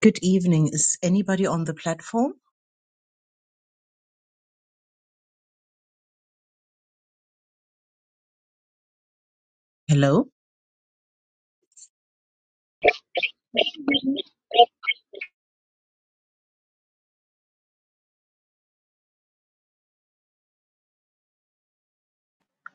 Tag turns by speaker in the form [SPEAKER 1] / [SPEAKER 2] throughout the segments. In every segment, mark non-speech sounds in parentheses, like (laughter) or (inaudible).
[SPEAKER 1] Good evening. Is anybody on the platform? Hello?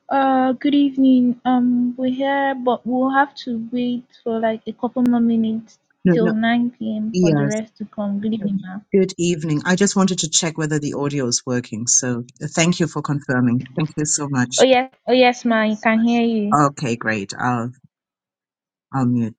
[SPEAKER 2] Uh, good evening. Um, we're here, but we'll have to wait for like a couple more minutes
[SPEAKER 1] No,
[SPEAKER 2] till
[SPEAKER 1] no.
[SPEAKER 2] 9 p.m. for the
[SPEAKER 1] Yes.
[SPEAKER 2] rest to come. Good evening, ma'am.
[SPEAKER 1] Good evening. I just wanted to check whether the audio is working. So uh, thank you for confirming. Thank you so
[SPEAKER 2] Oh
[SPEAKER 1] much.
[SPEAKER 2] yes, oh yes, ma. You can hear you.
[SPEAKER 1] Okay, great. I'll, I'll mute.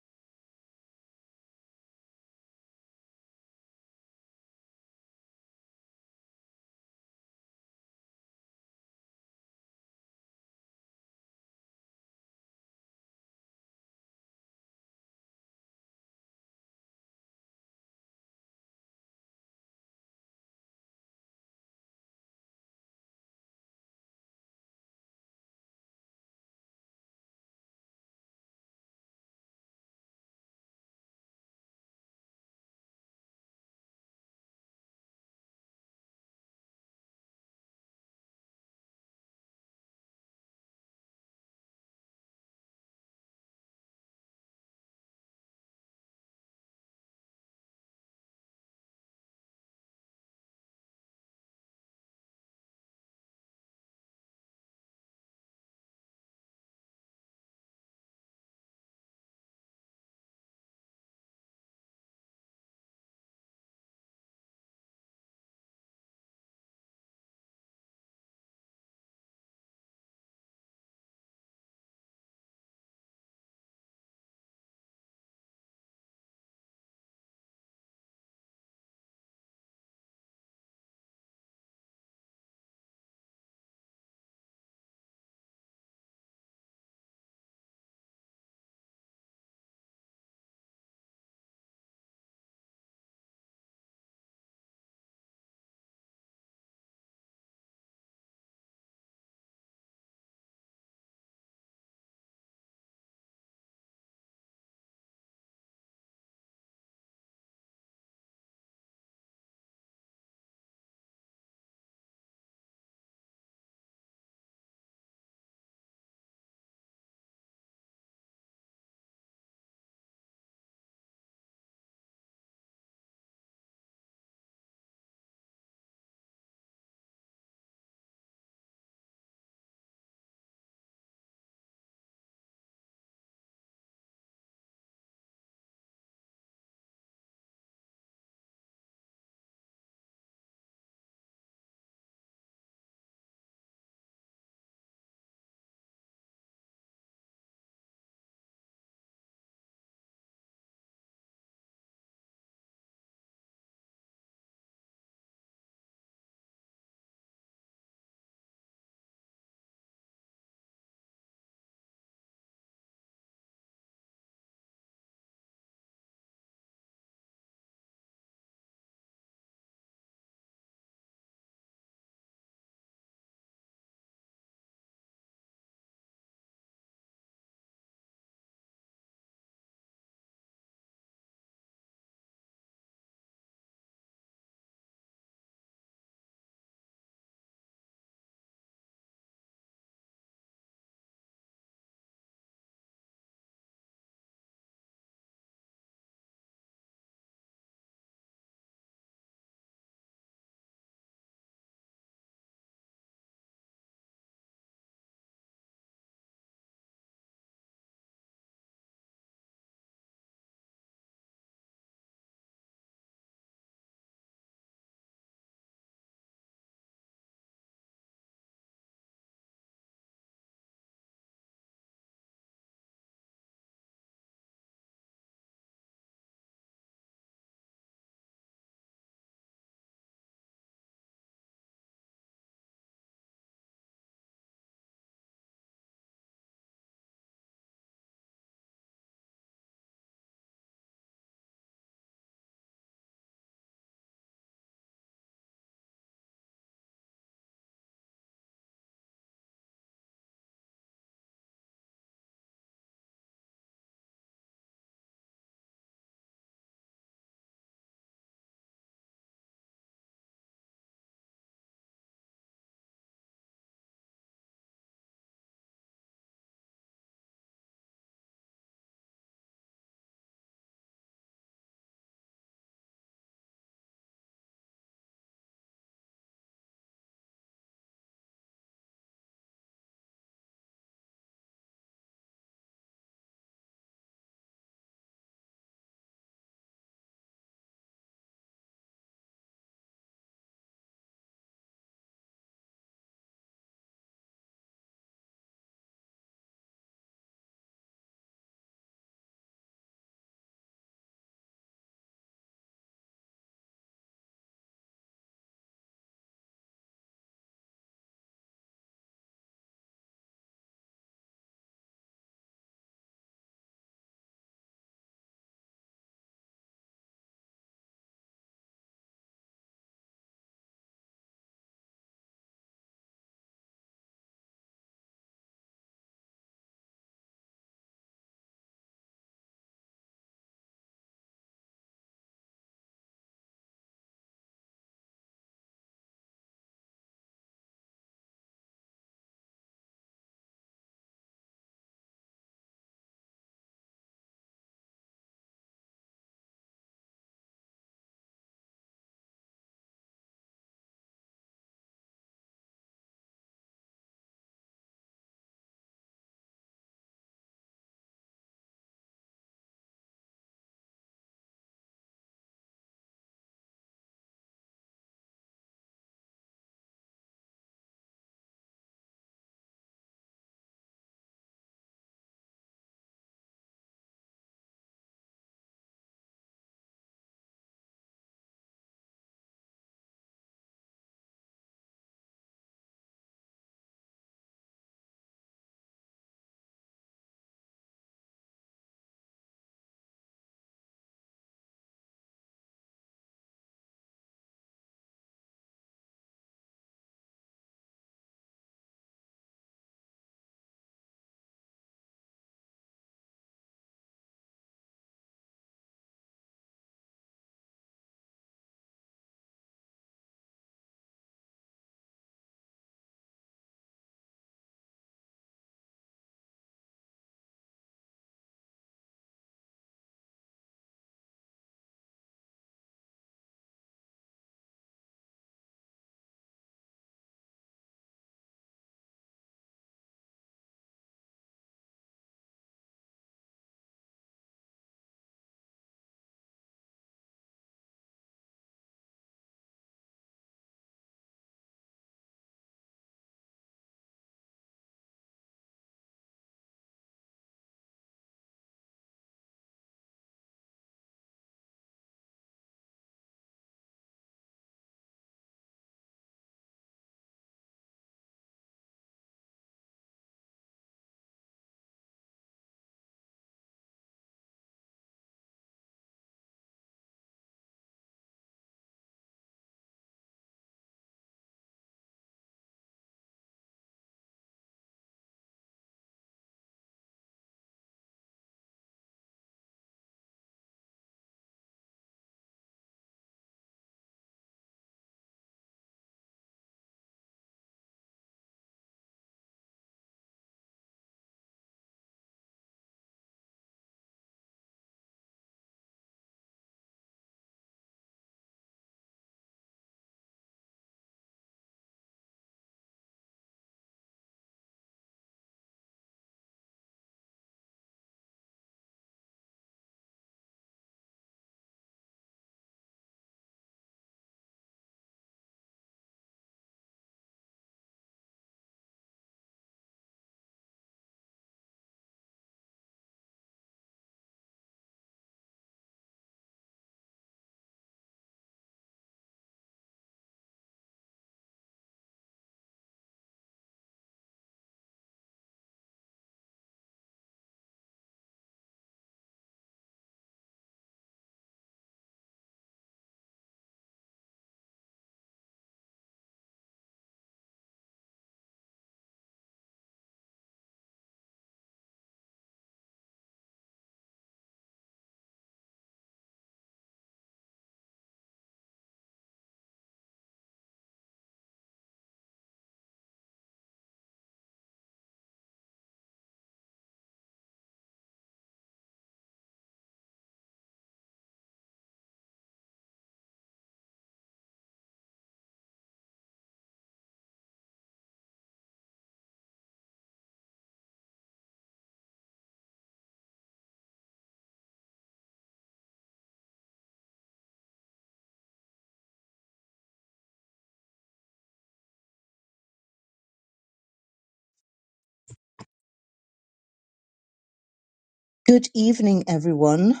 [SPEAKER 1] Good evening, everyone.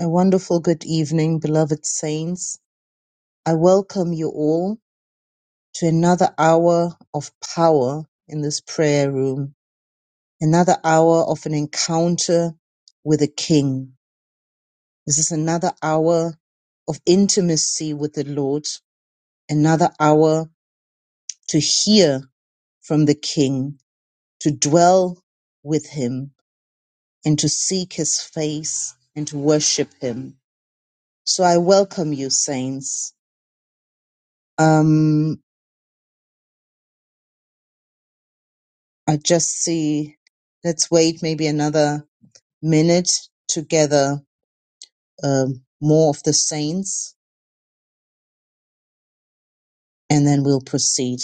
[SPEAKER 1] A wonderful good evening, beloved saints. I welcome you all to another hour of power in this prayer room, another hour of an encounter with a king. This is another hour of intimacy with the Lord, another hour to hear from the King, to dwell with him, and to seek his face and to worship him. So I welcome you, saints. Um, I just see, let's wait maybe another minute to gather um, more of the saints and then we'll proceed.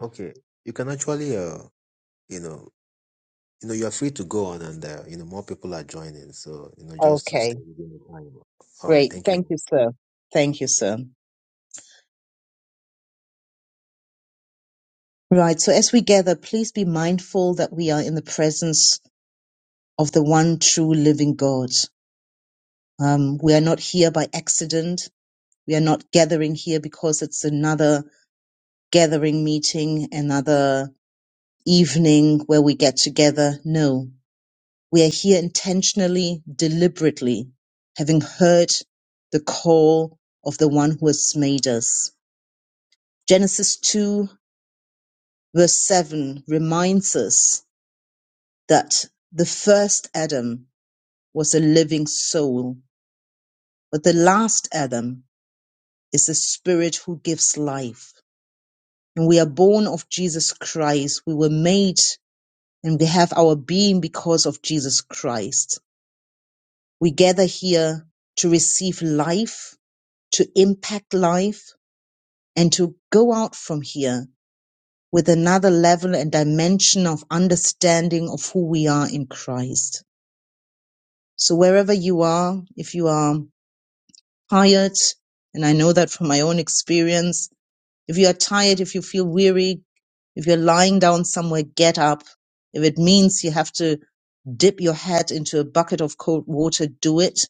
[SPEAKER 3] Okay, you can actually, uh, you know, you know, you're free to go on, and uh, you know, more people are joining, so you know, just to stay
[SPEAKER 1] Okay,
[SPEAKER 3] within the time. All right,
[SPEAKER 1] great.
[SPEAKER 3] thank you.
[SPEAKER 1] Thank you, sir. Thank you, sir. Right. So as we gather, please be mindful that we are in the presence of the one true living God. Um, we are not here by accident. We are not gathering here because it's another gathering meeting, another evening where we get together. No, we are here intentionally, deliberately, having heard the call of the one who has made us. Genesis 2 verse 7 reminds us that the first Adam was a living soul. But the last Adam is the spirit who gives life. And we are born of Jesus Christ. We were made and we have our being because of Jesus Christ. We gather here to receive life, to impact life, and to go out from here with another level and dimension of understanding of who we are in Christ. So wherever you are, if you are tired, and I know that from my own experience, If you are tired, if you feel weary, if you're lying down somewhere, get up. If it means you have to dip your head into a bucket of cold water, do it.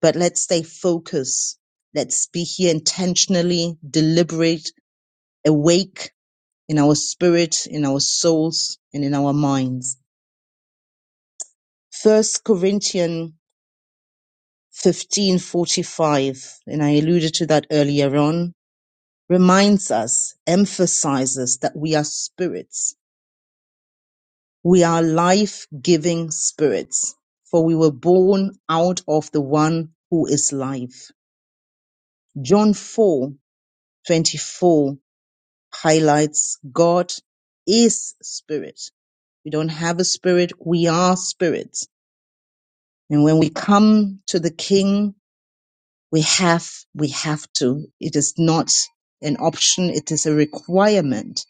[SPEAKER 1] But let's stay focused. Let's be here intentionally, deliberate, awake in our spirit, in our souls, and in our minds. First Corinthians 15:45, and I alluded to that earlier on, reminds us, emphasizes that we are spirits We are life giving spirits, for we were born out of the one who is life. John 4 24 highlights God is spirit. We don't have a spirit, we are spirit. And when we come to the King, we have, we have to. It is not an option, it is a requirement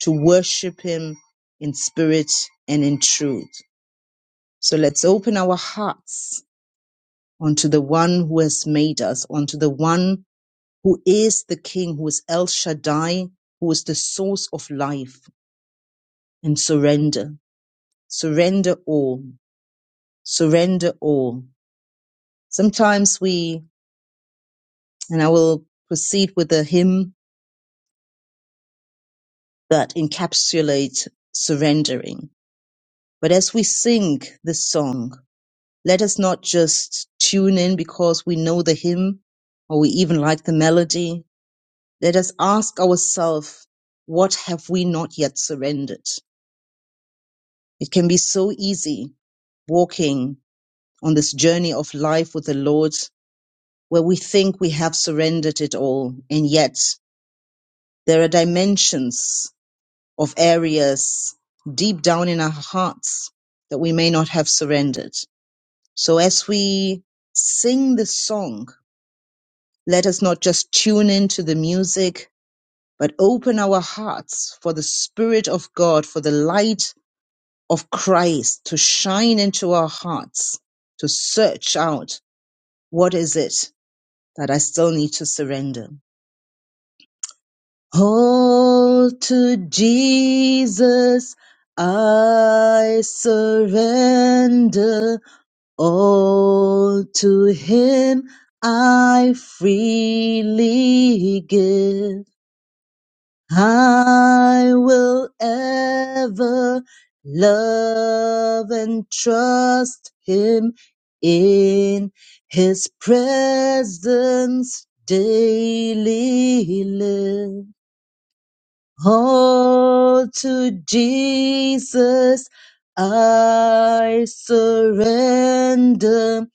[SPEAKER 1] to worship Him in spirit and in truth. So let's open our hearts unto the one who has made us, unto the one who is the King, who is El Shaddai, who is the source of life, and surrender. Surrender all. Surrender all. Sometimes we, and I will proceed with a hymn that encapsulates surrendering. But as we sing this song, let us not just tune in because we know the hymn or we even like the melody, Let us ask ourselves, what have we not yet surrendered? It can be so easy walking on this journey of life with the Lord where we think we have surrendered it all. And yet there are dimensions of areas deep down in our hearts that we may not have surrendered. So as we sing this song, let us not just tune into the music, but open our hearts for the Spirit of God, for the light of Christ to shine into our hearts, to search out what is it that I still need to surrender. Hold to Jesus, I surrender. All to Him I freely give. I will ever love and trust him in his presence daily live. All to Jesus I surrender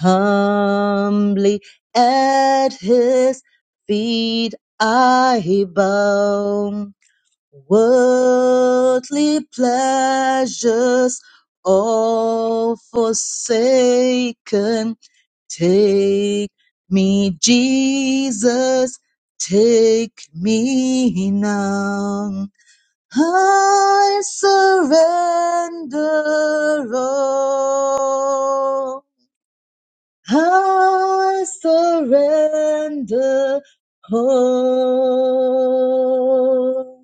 [SPEAKER 1] humbly at his feet I bow. Worldly pleasures all forsaken. Take me, Jesus, take me now. I surrender all. I surrender all.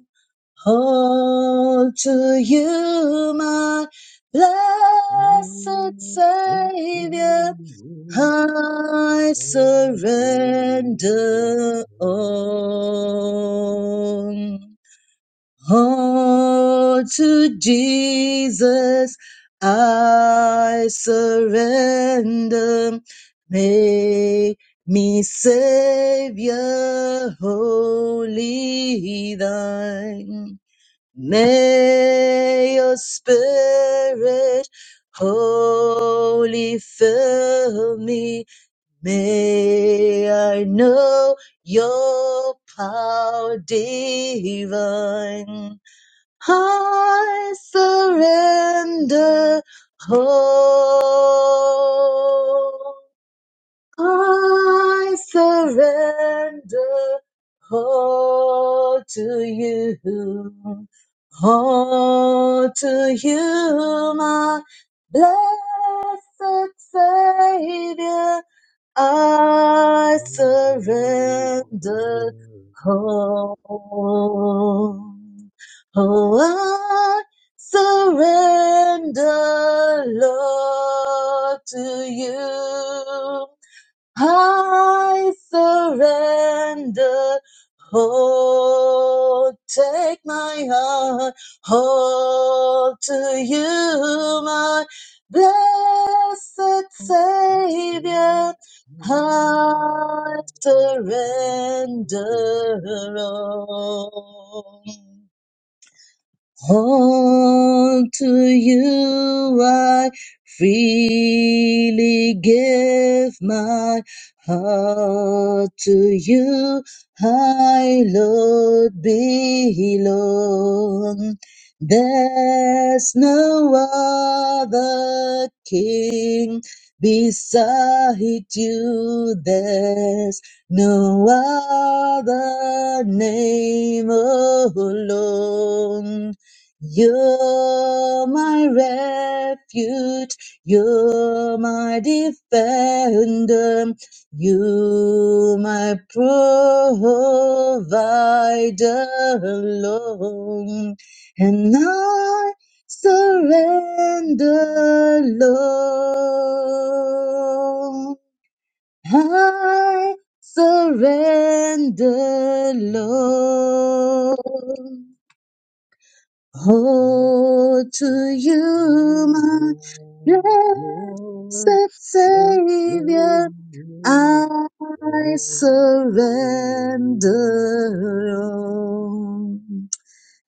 [SPEAKER 1] Unto you, my blessed Savior, I surrender all. Unto Jesus, I surrender. Make me Savior, wholly thine. May your spirit holy fill me. May I know your power divine. I surrender all. I surrender all to you. Oh, to you, my blessed Savior, I surrender all. Oh, I surrender, Lord, to you. I surrender. Oh, take my heart, all to you, my blessed Savior. I surrender all. Unto you I freely give my heart. To you I, Lord, belong. There's no other king beside you. There's no other name alone. You're my refuge, you're my defender, you my provider, Lord, and I surrender, Lord. I surrender, Lord.
[SPEAKER 3] (laughs)
[SPEAKER 1] Oh, to you, my blessed Savior, I surrender. all.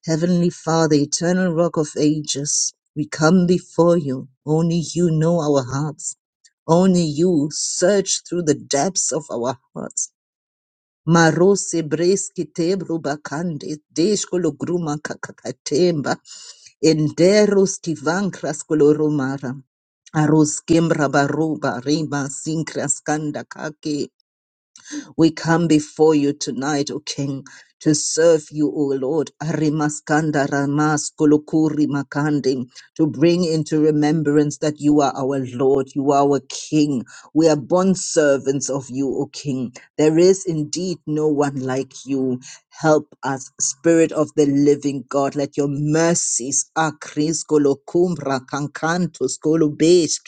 [SPEAKER 1] Heavenly Father, eternal rock of ages, we come before you. Only you know our hearts. Only you search through the depths of our hearts. Marose breski tebro bakande, deshkolo gruma Enderos tivancras coloromara. Aros quembra baroba reba sincras kanda kake. We come before you tonight, O King, to serve you, O Lord. Arimaskanda ramas kolokuri makandi, to bring into remembrance that you are our Lord, you are our King. We are bond servants of you, O King. There is indeed no one like you. Help us, Spirit of the Living God. Let your mercies, akris kolokumbra kankantos kolobesh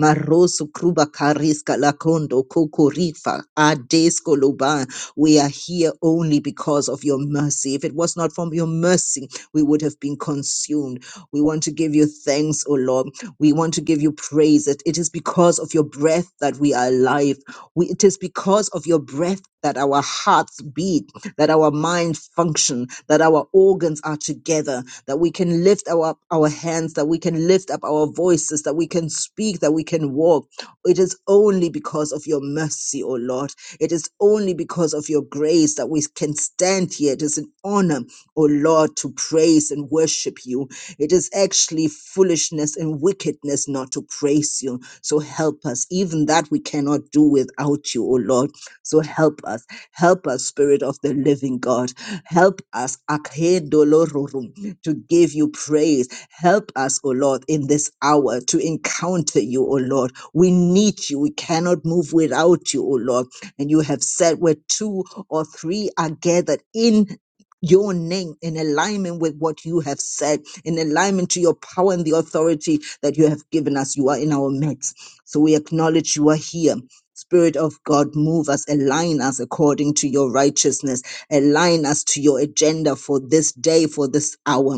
[SPEAKER 1] Marosu Kruba Kariska Lakondo Koko Rifa Adesko Loban. We are here only because of your mercy. If it was not from your mercy, we would have been consumed. We want to give you thanks, O Lord. We want to give you praise. It, it is because of your breath that we are alive. We, it is because of your breath that our hearts beat that our minds function, that our organs are together, that we can lift our, up our hands, that we can lift up our voices, that we can speak, that we can walk. It is only because of your mercy, O Lord. It is only because of your grace that we can stand here. It is an honor, O Lord, to praise and worship you. It is actually foolishness and wickedness not to praise you. So help us. Even that we cannot do without you, O Lord. So help us. Help us, Spirit of the living God. Help us akedolorurum, to give you praise. Help us, O Lord, in this hour to encounter you, O Lord. We need you. We cannot move without you, O Lord. And you have said where two or three are gathered in your name in alignment with what you have said, in alignment to your power and the authority that you have given us. You are in our midst. So we acknowledge you are here. Spirit of God, move us, align us according to your righteousness, align us to your agenda for this day, for this hour.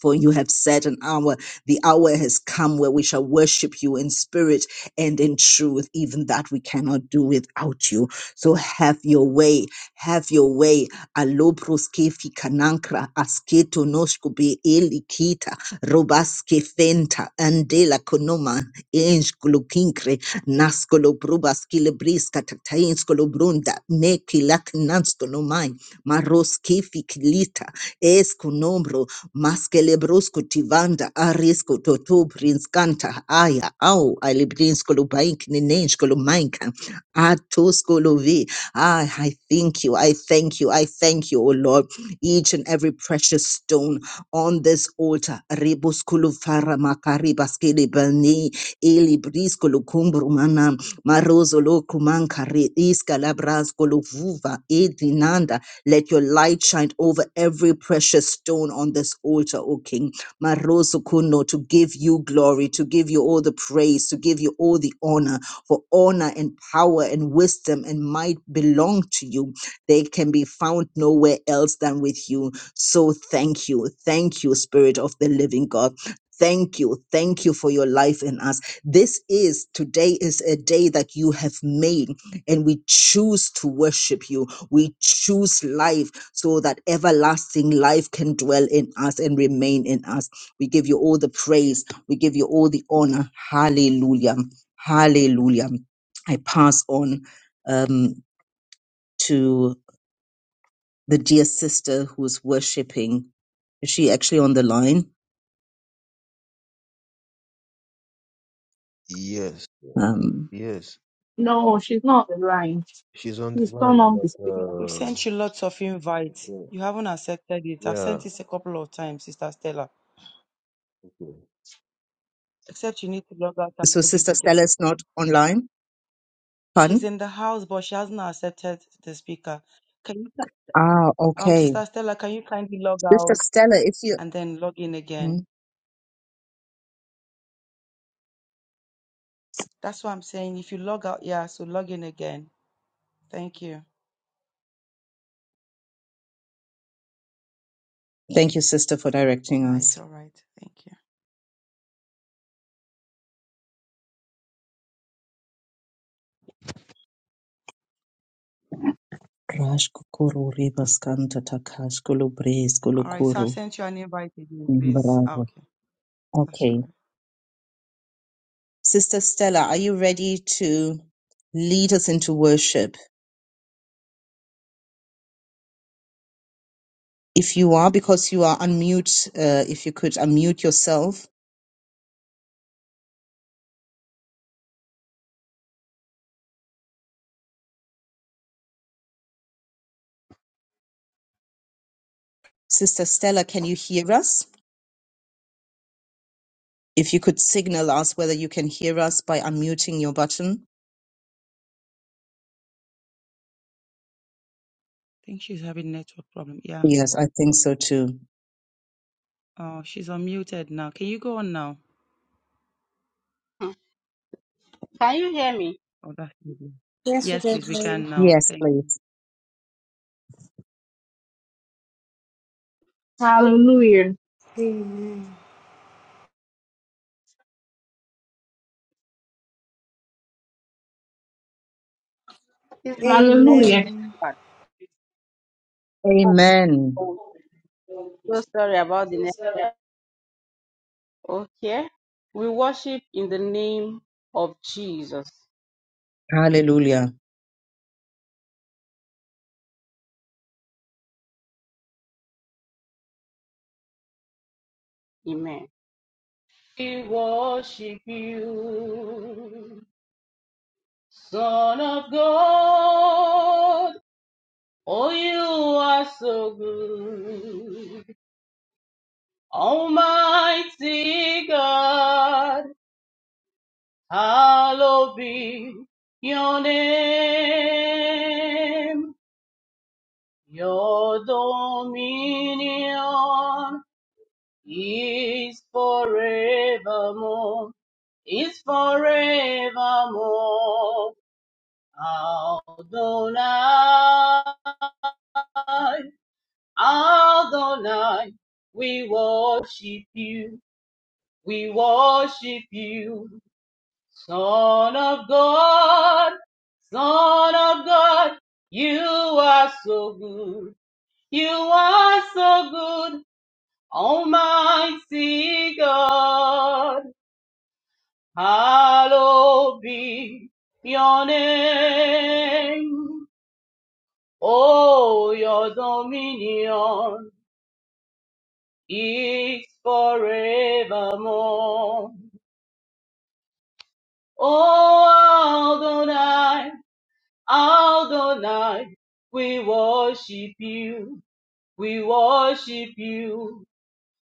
[SPEAKER 1] For you have set an hour, the hour has come where we shall worship you in spirit and in truth. Even that we cannot do without you. So have your way, have your way alobroske kanankra asketo noshkobe elikita robaske fenta andela konoma enj glukinkre naskolo brubaskile briska tatainskolo brunda neki laknanskolo mai maroske fikilita esko nombro maskele brosko tivanda aresko toto prinskanta aya au alibrinskolo baink nenenskolo mainka atoskolo vi Ah, I thank you. I thank you. I thank you, O Lord. Each and every precious stone on this altar. Rebus kulufara makari baskele bani eli bris kulukumbru mana marozo lo kumankare iska labras kuluvuva edinanda. Let your light shine over every precious stone on this altar, O King. Marozo kuno to give you glory, to give you all the praise, to give you all the honor. For honor and power and wisdom and might belong to you. They can be found nowhere else than with you. So thank you. Thank you, Spirit of the living God. Thank you. Thank you for your life in us. This is today is a day that you have made and we choose to worship you. We choose life so that everlasting life can dwell in us and remain in us. We give you all the praise. We give you all the honor. Hallelujah. Hallelujah. I pass on um, to the dear sister who's worshiping. Is she actually on the line?
[SPEAKER 3] Yes,
[SPEAKER 1] Um,
[SPEAKER 3] yes,
[SPEAKER 4] No, she's not blind.
[SPEAKER 3] she's on the
[SPEAKER 4] She's turn
[SPEAKER 3] line,
[SPEAKER 4] off
[SPEAKER 3] but
[SPEAKER 4] the speaker.
[SPEAKER 5] We've
[SPEAKER 3] uh,
[SPEAKER 5] sent you lots of invites.
[SPEAKER 3] okay,
[SPEAKER 5] You haven't accepted it. I've
[SPEAKER 3] yeah,
[SPEAKER 5] sent it a couple of times, Sister Stella.
[SPEAKER 3] okay.
[SPEAKER 5] Except you need to log out and
[SPEAKER 1] so,
[SPEAKER 5] log in
[SPEAKER 1] Sister Stella
[SPEAKER 5] again.
[SPEAKER 1] is not online?
[SPEAKER 5] She's
[SPEAKER 1] Pardon?
[SPEAKER 5] in the house, but she hasn't accepted the speaker. Can you,
[SPEAKER 1] Ah,
[SPEAKER 5] um,
[SPEAKER 1] okay.
[SPEAKER 5] Sister Stella, can you kindly log
[SPEAKER 1] Sister
[SPEAKER 5] out
[SPEAKER 1] Stella, if you.
[SPEAKER 5] and then log in
[SPEAKER 1] Hmm.
[SPEAKER 5] again? That's what I'm saying. If you log out, yeah, so log in again. Thank you.
[SPEAKER 1] Thank you, Sister, for directing
[SPEAKER 5] No, it's
[SPEAKER 1] us.
[SPEAKER 5] all right. Thank you.
[SPEAKER 1] Rash kukuru ribas kanta takash kulu bris kulu
[SPEAKER 5] All right, so I've
[SPEAKER 1] kuru
[SPEAKER 5] sent you an invite again, please. Ah,
[SPEAKER 1] imbarago.
[SPEAKER 5] okay, that's all
[SPEAKER 1] Okay.
[SPEAKER 5] right. I
[SPEAKER 1] Sister Stella, are you ready to lead us into worship? If you are, because you are unmute, uh, if you could unmute yourself. Sister Stella, can you hear us? If you could signal us whether you can hear us by unmuting your button.
[SPEAKER 5] think she's having network problem. Yeah.
[SPEAKER 1] Yes, I think so too.
[SPEAKER 5] Oh, she's unmuted now. Can you go on now?
[SPEAKER 6] Hmm. Can you hear me?
[SPEAKER 5] Oh, that's lovely.
[SPEAKER 7] Yes, we
[SPEAKER 5] Yes,
[SPEAKER 7] can
[SPEAKER 5] please, we
[SPEAKER 7] hear
[SPEAKER 5] can now.
[SPEAKER 1] Yes,
[SPEAKER 5] Thank you.
[SPEAKER 1] please.
[SPEAKER 4] Hallelujah.
[SPEAKER 7] you. Amen.
[SPEAKER 6] It's
[SPEAKER 4] Hallelujah.
[SPEAKER 7] Amen.
[SPEAKER 6] bad. Oh,
[SPEAKER 1] Amen.
[SPEAKER 6] oh, so sorry about the net. Okay. We worship in the name of Jesus.
[SPEAKER 1] Hallelujah.
[SPEAKER 6] Amen. We worship you, Son of God. Oh, you are so good. Almighty God, hallowed be your name. Your dominion is forevermore, is forevermore. Adonai, Adonai, we worship you, we worship you, Son of God, Son of God, you are so good, you are so good. Almighty God, hallowed be your name. Oh, your dominion is forevermore. Oh, Adonai, Adonai, we worship you, we worship you.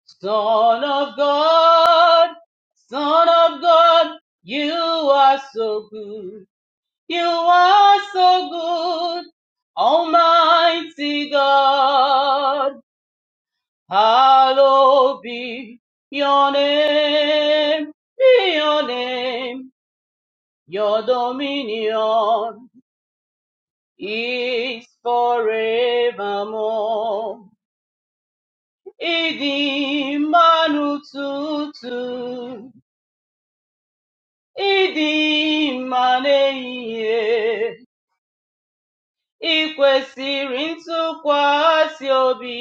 [SPEAKER 6] Son of God, Son of God, you are so good. You are so good. Almighty God, hallowed be your name, be your name, your dominion is forevermore. Idi manu tutu. ịdị mma n'ehihie ị kwesịrị ntụkwasị obi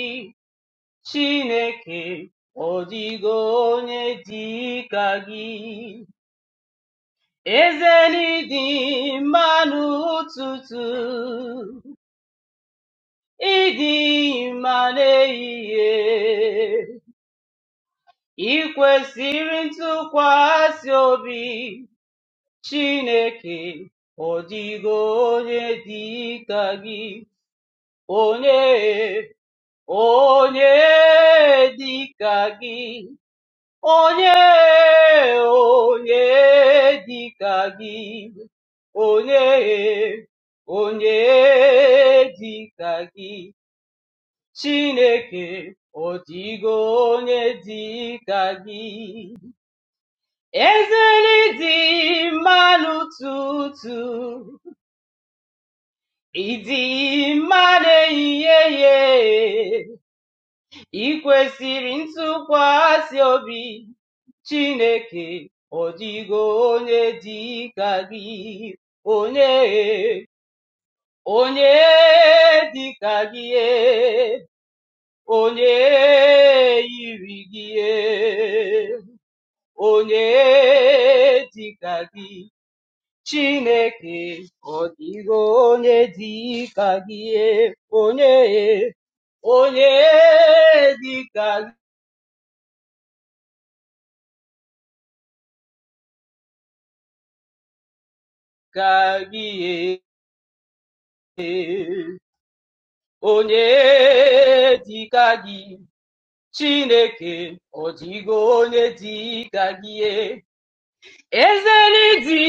[SPEAKER 6] Chineke ọ dịgo onye dị ka gị eze n'ịdị mma n'ụtụtụ ịdị mma n'ehihie ị kwesịrị ntụkwasị obi Chineke ọ dịgo onye dị ka gị onye onye dịka gị onye onye dịka gị onye onye dịka gị chineke ọ dịgo onye dịka gị ezeli dị mmanụ tutu ịdị mma n'ehihie ị kwesịrị ntụkwasị obi Chineke ọ dịgo onye dị ka gị onye onye dị ka gị onye yiri gị onye dị ka gị Chineke ọ dịgo onye dị ka gị onye onye dị ka ka gị ee. onye dị gị chineke ọ dịgo onye dika gị Ezeli di n'ịdị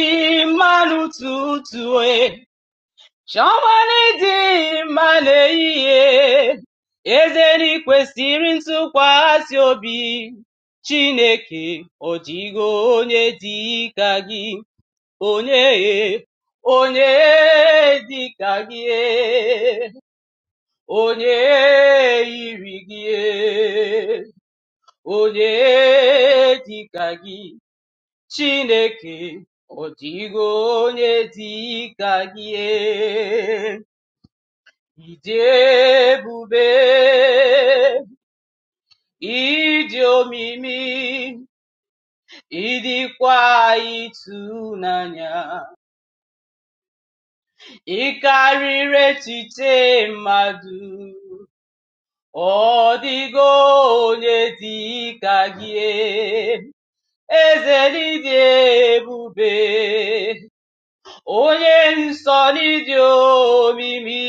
[SPEAKER 6] mmanụ tutue chiọmanị dị mma Ezeli eze n'ikwesịrị ntụkwasị obi chineke ọ dịgo onye dika gị onye onye dịka gị e, onye yiri gị e, onye dịka gị chineke ọ dịgo onye dịka gị ịdị ebube ịdị omimi ịdịkwa ịtụnanya Ị karịrị echiche mmadụ, ọ dịgo onye dị ka gị, eze n'ịdị ebube, onye nsọ n'ịdị omimi,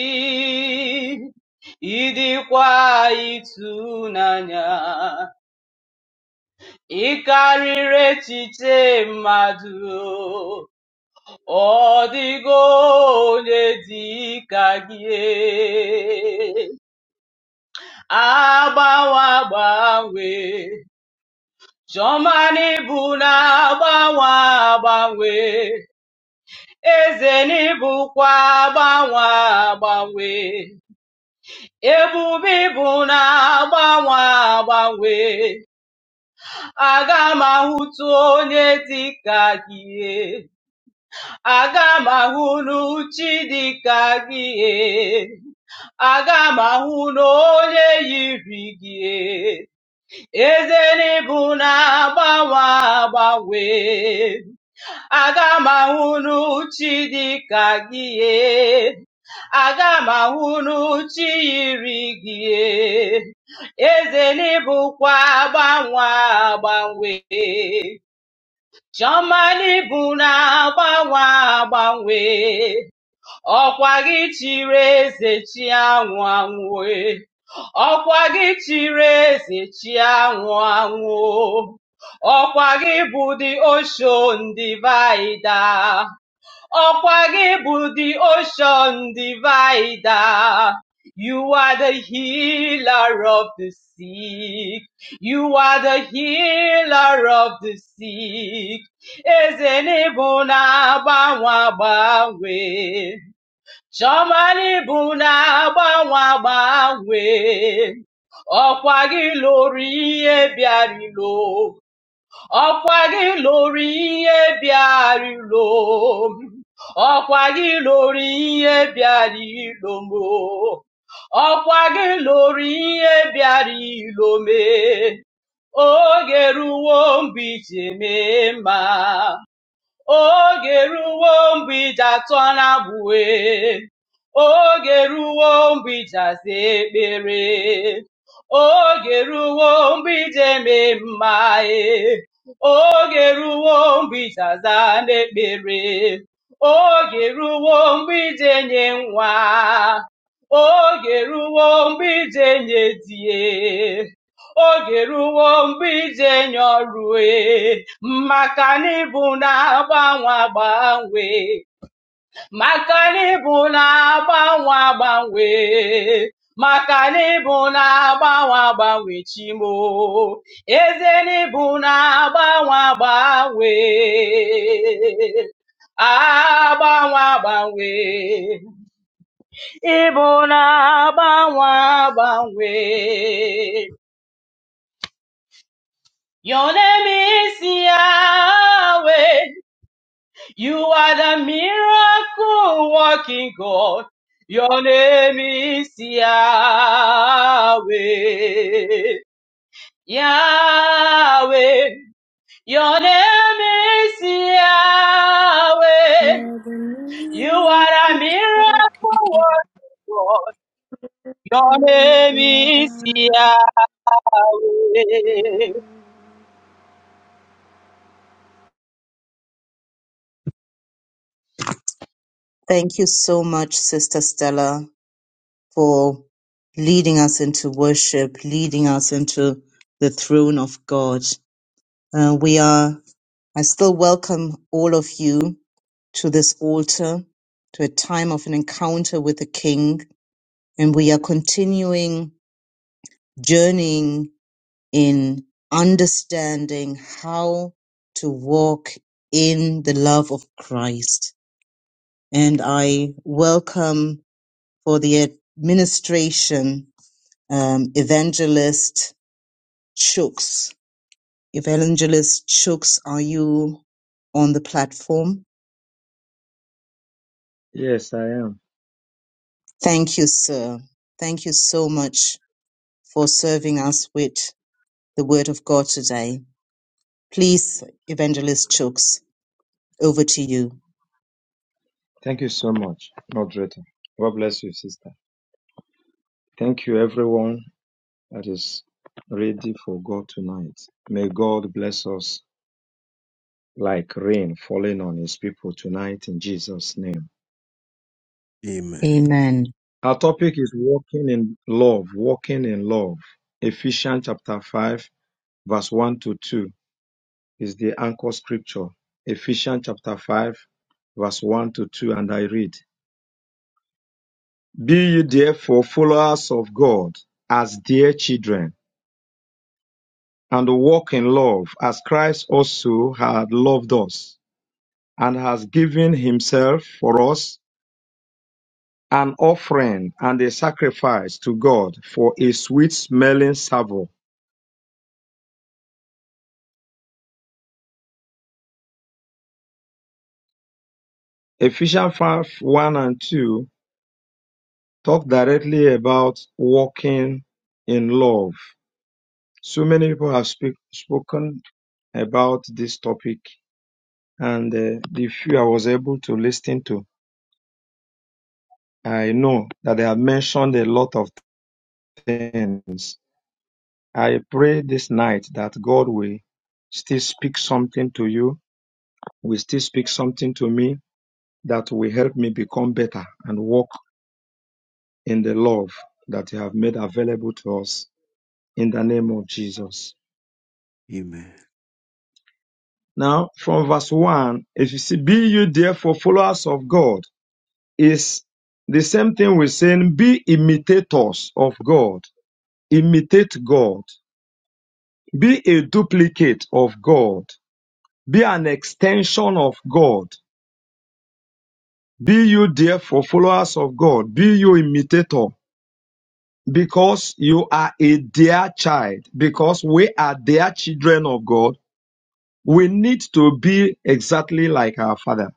[SPEAKER 6] ịdịkwa ịtụnanya. Ị karịrị echiche mmadụ, ọ dịgo onye dị ka gị. agbawa agbanwe chiọma n'ịbụ na-agbanwe agbanwe eze n'ịbụkwa agbanwe agbanwe ebube ịbụ na-agbanwe agbanwe aga m ahụtụ onye dịka gị aga m ahụ n'uchi dịka gị aga m ahụ n'onye yiri gị Eze bụ na-agbanwe agbanwe, aga m ahụnụ chi dịka gị ye. aga m ahụnụ chi yiri gị ye. agbanwe agbanwe, chiọma n'ịbụ na-agbanwe agbanwe ọkwa gị chịrị eze chi anwụ anwụ e. ọkwa gị chịrị eze chi anwụ anwụ o. ọkwa gị bụ the ocean divider ọkwa gị bụ the ocean divider You are the healer of the sick. You are the healer of the sick. Eze n'ịbụ na-agbanwe agbanwe. Chamani buna na-agbanwe agbanwe ọkwa gị lụrụ ihe bịarịlo ọkwa gị lụrụ ihe bịarịlo ọkwa gị lụrụ ihe bịarịlo mo ọkwa gị lụrụ ihe bịarịlo me oge ruwo mgbe ije mee mma oge ruo mgbe iji atọ na-agbụwe oge ruo mgbe iji aza ekpere oge ruo mgbe iji eme mma ee. oge ruo mgbe iji aza n'ekpere oge ruo mgbe iji enye nwa oge ruo mgbe iji enye die oge ruwo mgbe ije nye ọrue maka n'ịbụ na-agbanwe agbanwe maka n'ịbụ na-agbanwe agbanwe maka n'ịbụ na-agbanwe agbanwe chimo eze n'ịbụ na-agbanwe agbanwe agbanwe agbanwe ịbụ na-agbanwe agbanwe Your name is Yahweh. You are the miracle working God. Your name is Yahweh. Yahweh. Your name is Yahweh.
[SPEAKER 7] You're the
[SPEAKER 6] You are a
[SPEAKER 7] miracle working God.
[SPEAKER 6] miracle working God. Your name is Yahweh.
[SPEAKER 1] Thank you so much, Sister Stella, for leading us into worship, leading us into the throne of God. Uh, we are, I still welcome all of you to this altar, to a time of an encounter with the King. And we are continuing journeying in understanding how to walk in the love of Christ. And I welcome for the administration um, evangelist Chooks. Evangelist Chooks, are you on the platform?
[SPEAKER 8] Yes, I am.
[SPEAKER 1] Thank you, sir. Thank you so much for serving us with the Word of God today. Please, Evangelist Chooks, over to you.
[SPEAKER 8] Thank you so much, moderator. God bless you, sister. Thank you, everyone that is ready for God tonight. May God bless us like rain falling on his people tonight in Jesus' name.
[SPEAKER 3] Amen.
[SPEAKER 1] Amen.
[SPEAKER 8] Our topic is walking in love, walking in love. Ephesians chapter 5, verse 1 to 2 is the anchor scripture. Ephesians chapter 5, verse 1 to 2, and I read. Be ye therefore followers of God as dear children, and walk in love as Christ also had loved us, and has given himself for us an offering and a sacrifice to God for a sweet smelling savour. Ephesians 5 1 and 2 talk directly about walking in love. So many people have speak, spoken about this topic, and uh, the few I was able to listen to I know that they have mentioned a lot of things. I pray this night that God will still speak something to you, will still speak something to me that will help me become better and walk in the love that you have made available to us in the name of Jesus.
[SPEAKER 3] Amen.
[SPEAKER 8] Now, from verse 1, if you see, be you therefore followers of God, is the same thing with saying, be imitators of God, imitate God. Be a duplicate of God. Be an extension of God. Be you therefore followers of God. Be you imitator because you are a dear child. Because we are dear children of God. We need to be exactly like our father.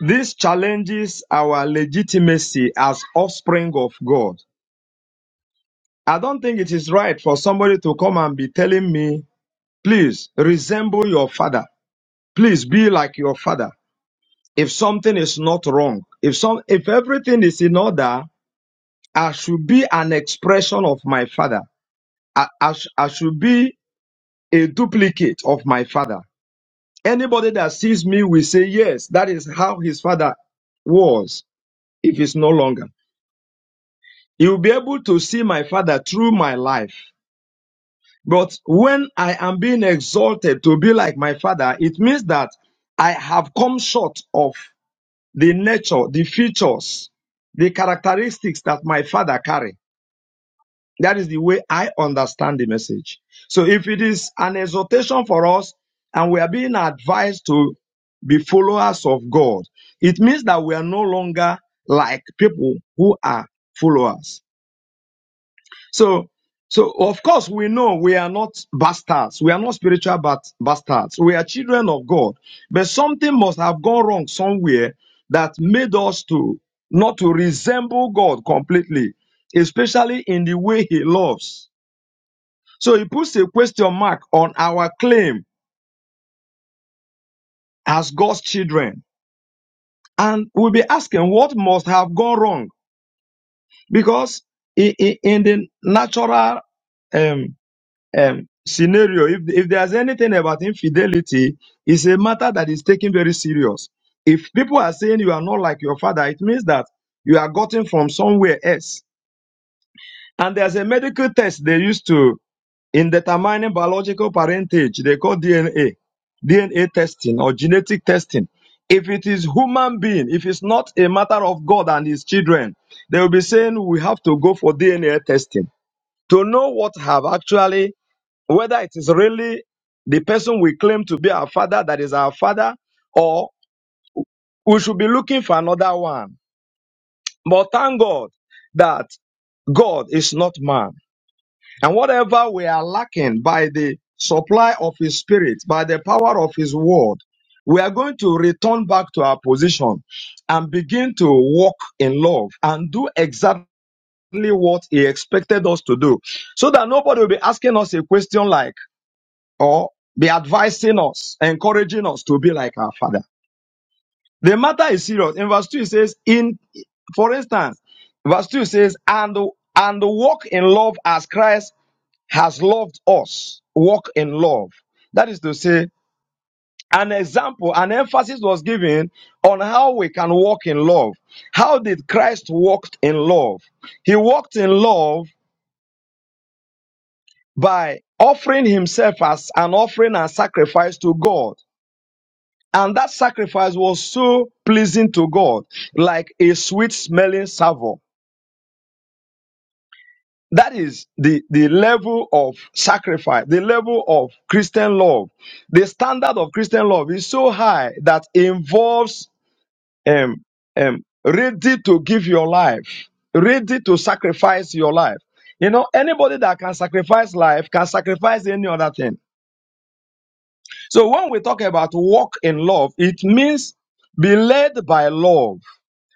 [SPEAKER 8] This challenges our legitimacy as offspring of God. I don't think it is right for somebody to come and be telling me, please resemble your father. Please be like your father. if something is not wrong, if some, if everything is in order, I should be an expression of my father. I, I, sh- I should be a duplicate of my father. Anybody that sees me will say, yes, that is how his father was, if it's no longer. He will be able to see my father through my life. But when I am being exalted to be like my father, it means that I have come short of the nature, the features, the characteristics that my father carry. That is the way I understand the message. So if it is an exhortation for us and we are being advised to be followers of God, it means that we are no longer like people who are followers. So, so of course we know we are not bastards. We are not spiritual but bastards. We are children of God. But something must have gone wrong somewhere that made us to not to resemble God completely, especially in the way he loves. So he puts a question mark on our claim as God's children. And we'll be asking what must have gone wrong because i- i- in the natural um, um, scenario, if, if there's anything about infidelity, it's a matter that is taken very serious. If people are saying you are not like your father, it means that you are gotten from somewhere else. And there's a medical test they used to in determining biological parentage, they call DNA, DNA testing or genetic testing. If it is human being, if it's not a matter of God and his children, they will be saying we have to go for DNA testing to know what have actually whether it is really the person we claim to be our father that is our father, or we should be looking for another one. But thank God that God is not man. And whatever we are lacking by the supply of His Spirit, by the power of His Word, we are going to return back to our position and begin to walk in love and do exactly what He expected us to do. So that nobody will be asking us a question like, or be advising us, encouraging us to be like our father. The matter is serious. In verse 2, it says, in, for instance, verse 2 says, and, and walk in love as Christ has loved us. Walk in love. That is to say, an example, an emphasis was given on how we can walk in love. How did Christ walk in love? He walked in love by offering himself as an offering and sacrifice to God And that sacrifice was so pleasing to God, like a sweet smelling savour. That is the, the level of sacrifice, the level of Christian love. The standard of Christian love is so high that involves um, um, ready to give your life, ready to sacrifice your life. You know, anybody that can sacrifice life can sacrifice any other thing. So when we talk about walk in love, it means be led by love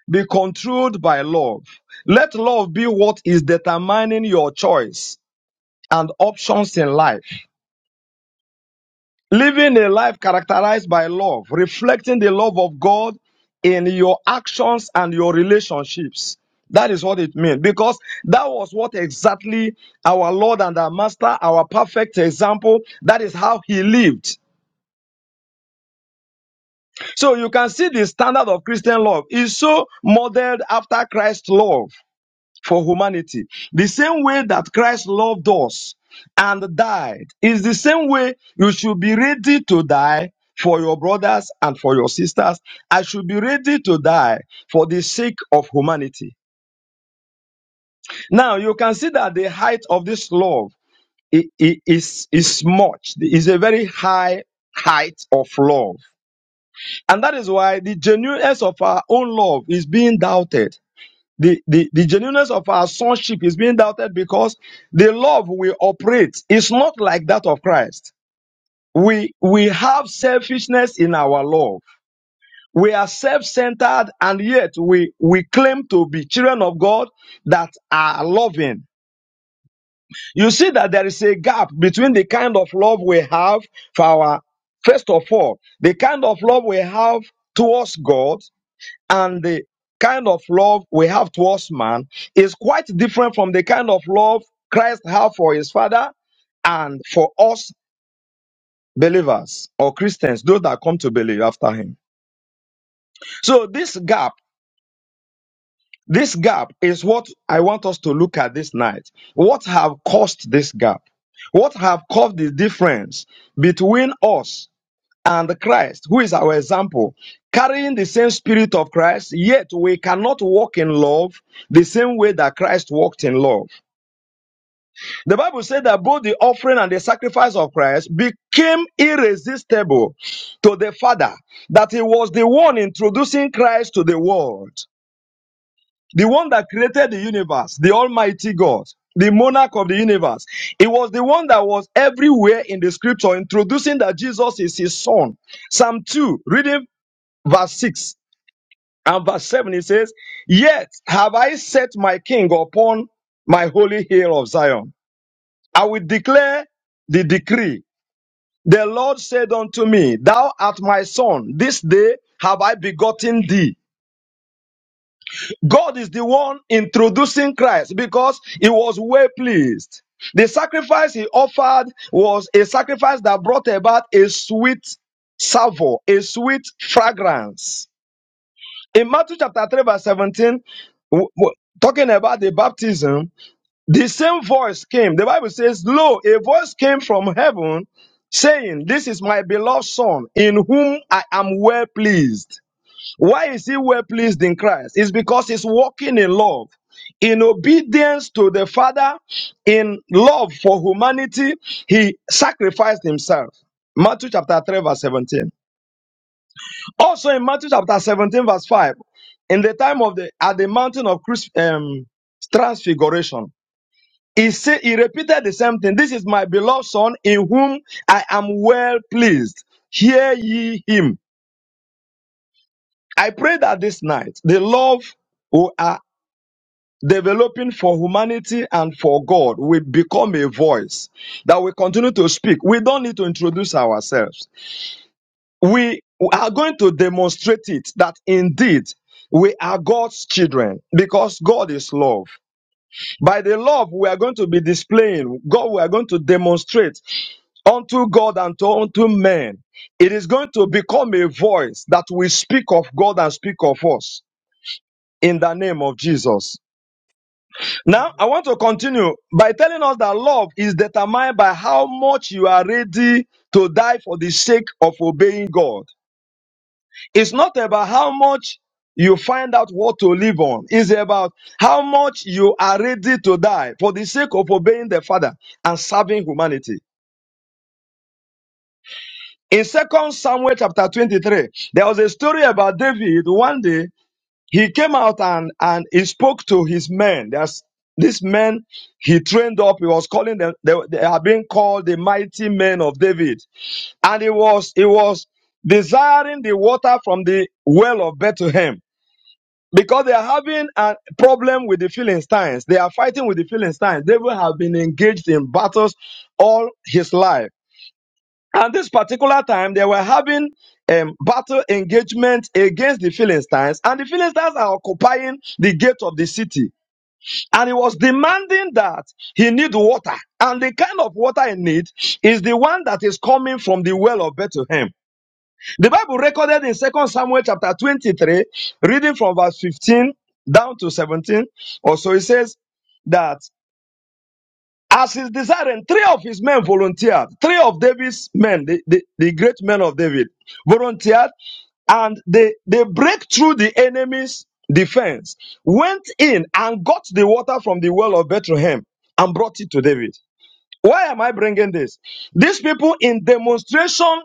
[SPEAKER 8] Be controlled by love. Let love be what is determining your choice and options in life. Living a life characterized by love, reflecting the love of God in your actions and your relationships. That is what it means because that was what exactly our Lord and our Master, our perfect example, that is how he lived. So you can see the standard of Christian love is so modeled after Christ's love. for humanity. The same way that Christ loved us and died is the same way you should be ready to die for your brothers and for your sisters. I should be ready to die for the sake of humanity. Now you can see that the height of this love i- i- is, is much, is a very high height of love. And that is why the genuineness of our own love is being doubted. The, the, the genuineness of our sonship is being doubted because the love we operate is not like that of Christ. We, we have selfishness in our love. We are self-centered and yet we, we claim to be children of God that are loving. You see that there is a gap between the kind of love we have for our, first of all, the kind of love we have towards God and the kind of love we have towards man is quite different from the kind of love Christ had for his father and for us believers or Christians, those that come to believe after him. So this gap, this gap is what I want us to look at this night. What have caused this gap? What have caused the difference between us and Christ, who is our example, carrying the same spirit of Christ, yet we cannot walk in love the same way that Christ walked in love. The Bible said that both the offering and the sacrifice of Christ became irresistible to the Father, that he was the one introducing Christ to the world, the one that created the universe, the Almighty God. The monarch of the universe. It was the one that was everywhere in the scripture introducing that Jesus is his son. Psalm 2, reading verse 6 and verse 7 it says yet have i set my king upon my holy hill of zion i will declare the decree the lord said unto me thou art my son this day have i begotten thee god is the one introducing christ because he was well pleased the sacrifice he offered was a sacrifice that brought about a sweet savor a sweet fragrance in Matthew chapter 3, verse 17, w- w- talking about the baptism, the same voice came. The Bible says, Lo, a voice came from heaven saying, This is my beloved Son, in whom I am well pleased. Why is he well pleased in Christ? It's because he's walking in love. In obedience to the Father, in love for humanity, he sacrificed himself. Matthew chapter 3, verse 17. Also in Matthew chapter 17, verse 5, in the time of the at the mountain of Christ, um, transfiguration, he said he repeated the same thing. This is my beloved son in whom I am well pleased. Hear ye him. I pray that this night the love we are developing for humanity and for God will become a voice that we continue to speak. We don't need to introduce ourselves. we are going to demonstrate it that indeed we are God's children because God is love. By the love we are going to be displaying, God, we are going to demonstrate unto God and to unto men. It is going to become a voice that will speak of God and speak of us in the name of Jesus. Now, I want to continue by telling us that love is determined by how much you are ready to die for the sake of obeying God. It's not about how much you find out what to live on. It's about how much you are ready to die for the sake of obeying the Father and serving humanity. In Second Samuel chapter 23, there was a story about David. One day, he came out and, and he spoke to his men. There's this men he trained up. He was calling them. They, they are being called the mighty men of David. And he was, he was desiring the water from the well of Bethlehem. because they are having a problem with the Philistines. They are fighting with the Philistines. David have been engaged in battles all his life. And this particular time, they were having um, battle engagement against the Philistines, and the Philistines are occupying the gate of the city. And he was demanding that he need water, and the kind of water he need is the one that is coming from the well of Bethlehem. The Bible recorded in Second Samuel chapter 23, reading from verse 15 down to 17, also it says that as his desiring, three of his men volunteered, three of David's men, the, the, the great men of David, volunteered, and they, they break through the enemy's defense, went in and got the water from the well of Bethlehem and brought it to David. Why am I bringing this? These people, in demonstration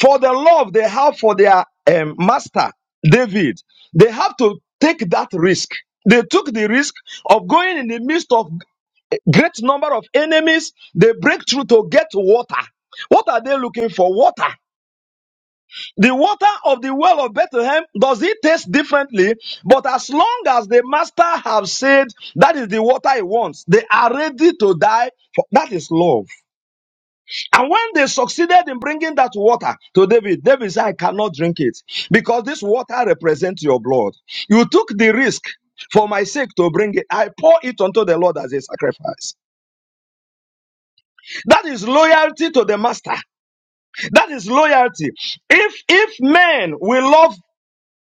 [SPEAKER 8] For the love they have for their um, master, David, they have to take that risk. They took the risk of going in the midst of great number of enemies. They break through to get water. What are they looking for? Water. The water of the well of Bethlehem, does it taste differently? But as long as the master have said that is the water he wants, they are ready to die. For, that is love. And when they succeeded in bringing that water to David, David said, I cannot drink it because this water represents your blood. You took the risk for my sake to bring it. I pour it unto the Lord as a sacrifice. That is loyalty to the master. That is loyalty. If, if men will love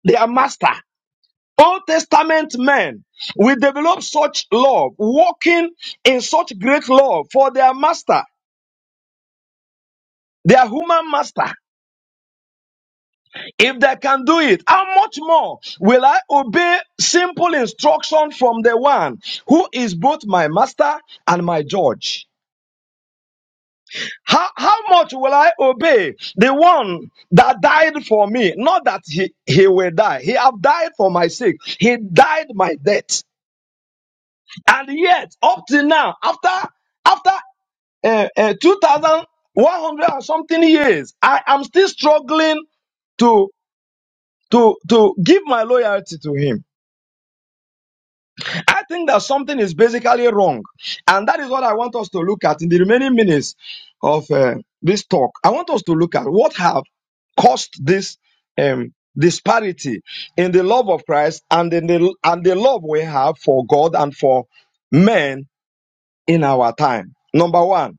[SPEAKER 8] their master, Old Testament men will develop such love, walking in such great love for their master, their human master. If they can do it, how much more will I obey simple instruction from the one who is both my master and my judge? How, how much will I obey the one that died for me? Not that he, he will die. He have died for my sake. He died my death. And yet, up till now, after, after uh, uh, 2,100 and something years, I am still struggling to, to, to give my loyalty to him. I think that something is basically wrong. And that is what I want us to look at in the remaining minutes of uh, this talk. I want us to look at what have caused this um, disparity in the love of Christ and in the, and the love we have for God and for men in our time. Number one,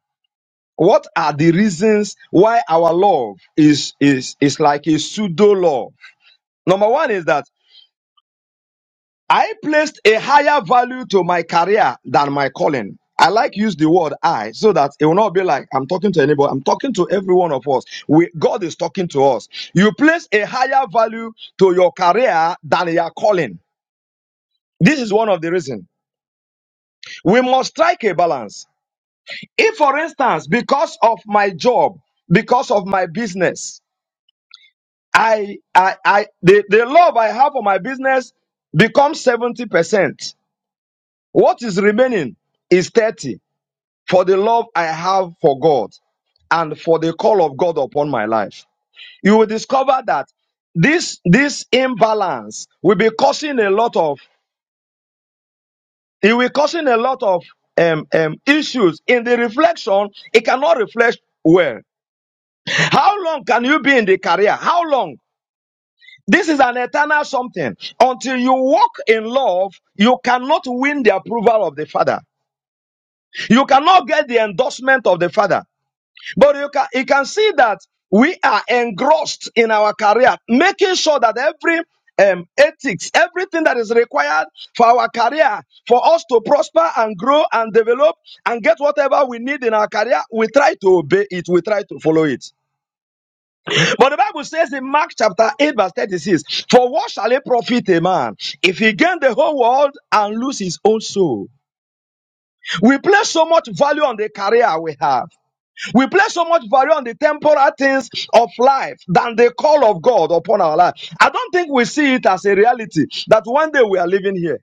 [SPEAKER 8] what are the reasons why our love is, is, is like a pseudo love? Number one is that I placed a higher value to my career than my calling. I like use the word I so that it will not be like I'm talking to anybody. I'm talking to every one of us. We, God is talking to us. You place a higher value to your career than your calling. This is one of the reasons. We must strike a balance. If, for instance, because of my job, because of my business, I, I, I, the, the love I have for my business becomes 70%. What is remaining is 30. for the love I have for God and for the call of God upon my life. You will discover that this this imbalance will be causing a lot of it will causing a lot of um, um, issues in the reflection. It cannot reflect well. How long can you be in the career? How long? This is an eternal something. Until you walk in love, you cannot win the approval of the Father. You cannot get the endorsement of the Father. But you can, you can see that we are engrossed in our career, making sure that every um, ethics, everything that is required for our career, for us to prosper and grow and develop and get whatever we need in our career, we try to obey it, we try to follow it. But the Bible says in Mark chapter 8, verse 36, For what shall it profit a man if he gain the whole world and lose his own soul? We place so much value on the career we have. We place so much value on the temporal things of life than the call of God upon our life. I don't think we see it as a reality that one day we are living here.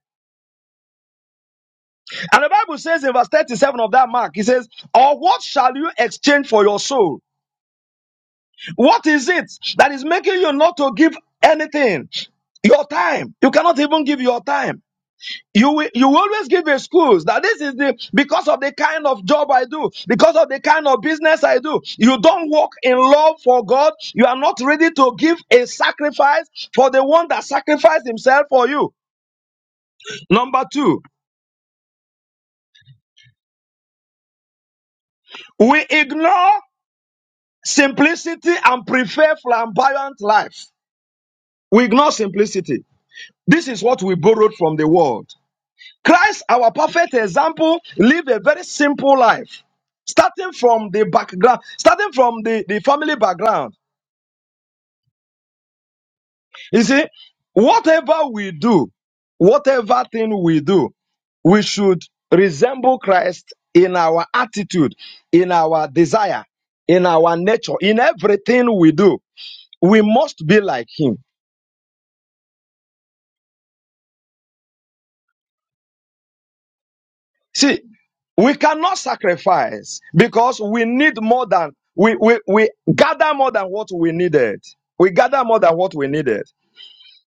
[SPEAKER 8] And the Bible says in verse 37 of that mark, it says, Or what shall you exchange for your soul? What is it that is making you not to give anything? Your time. You cannot even give your time. You will, you will always give excuse that this is the because of the kind of job I do, because of the kind of business I do. You don't walk in love for God. You are not ready to give a sacrifice for the one that sacrificed himself for you. Number two, we ignore simplicity and prefer flamboyant life. We ignore simplicity. This is what we borrowed from the world. Christ, our perfect example, lived a very simple life, starting from the background, starting from the, the family background. You see, whatever we do, whatever thing we do, we should resemble Christ in our attitude, in our desire, in our nature, in everything we do. We must be like Him. See, we cannot sacrifice because we need more than we, we, we gather more than what we needed. We gather more than what we needed.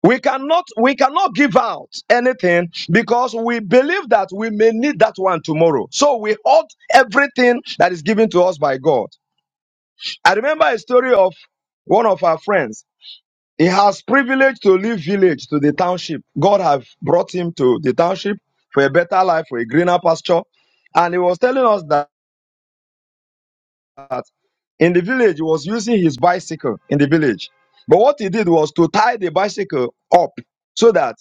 [SPEAKER 8] We cannot we cannot give out anything because we believe that we may need that one tomorrow. So we hold everything that is given to us by God. I remember a story of one of our friends. He has privilege to leave village to the township. God have brought him to the township for a better life, for a greener pasture. And he was telling us that in the village, he was using his bicycle in the village. But what he did was to tie the bicycle up so that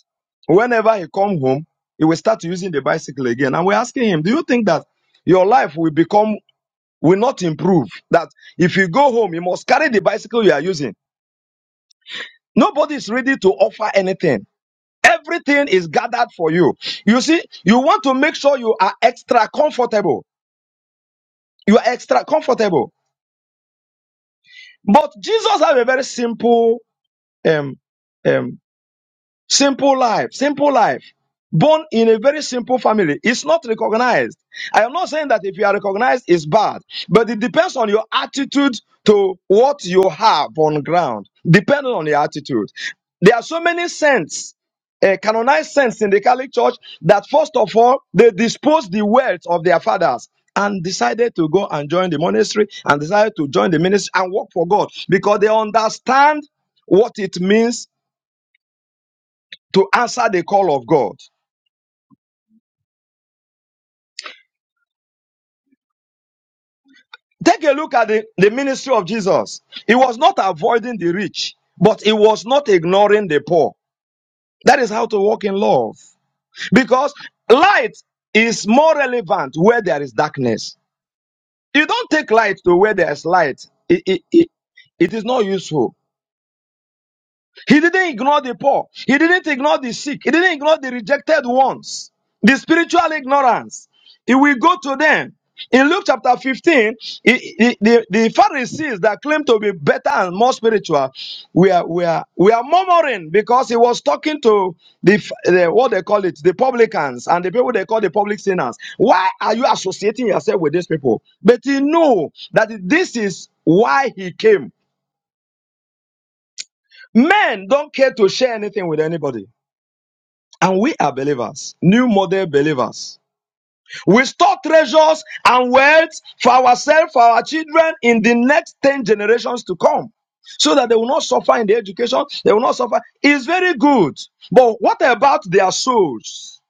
[SPEAKER 8] whenever he come home, he will start using the bicycle again. And we're asking him, do you think that your life will become, will not improve? That if you go home, you must carry the bicycle you are using. Nobody is ready to offer anything. Everything is gathered for you. You see, you want to make sure you are extra comfortable. You are extra comfortable. But Jesus have a very simple um, um, Simple life, simple life. Born in a very simple family. It's not recognized. I am not saying that if you are recognized, it's bad, but it depends on your attitude to what you have on ground, depending on your attitude. There are so many saints, uh, canonized saints in the Catholic Church that first of all, they disposed the wealth of their fathers and decided to go and join the monastery and decided to join the ministry and work for God because they understand what it means to answer the call of God. Take a look at the, the ministry of Jesus. He was not avoiding the rich, but he was not ignoring the poor. That is how to walk in love. Because light is more relevant where there is darkness. You don't take light to where there is light. It, it, it, it is not useful. He didn't ignore the poor. He didn't ignore the sick. He didn't ignore the rejected ones. The spiritual ignorance. He will go to them. In Luke chapter 15, he- he- the, the Pharisees that claim to be better and more spiritual were, were, were murmuring because he was talking to the, f- the what they call it, the publicans and the people they call the public sinners. Why are you associating yourself with these people? But he knew that this is why he came. Men don't care to share anything with anybody. And we are believers, new model believers. We store treasures and wealth for ourselves, for our children in the next 10 generations to come. So that they will not suffer in the education, they will not suffer. It's very good. But what about their souls?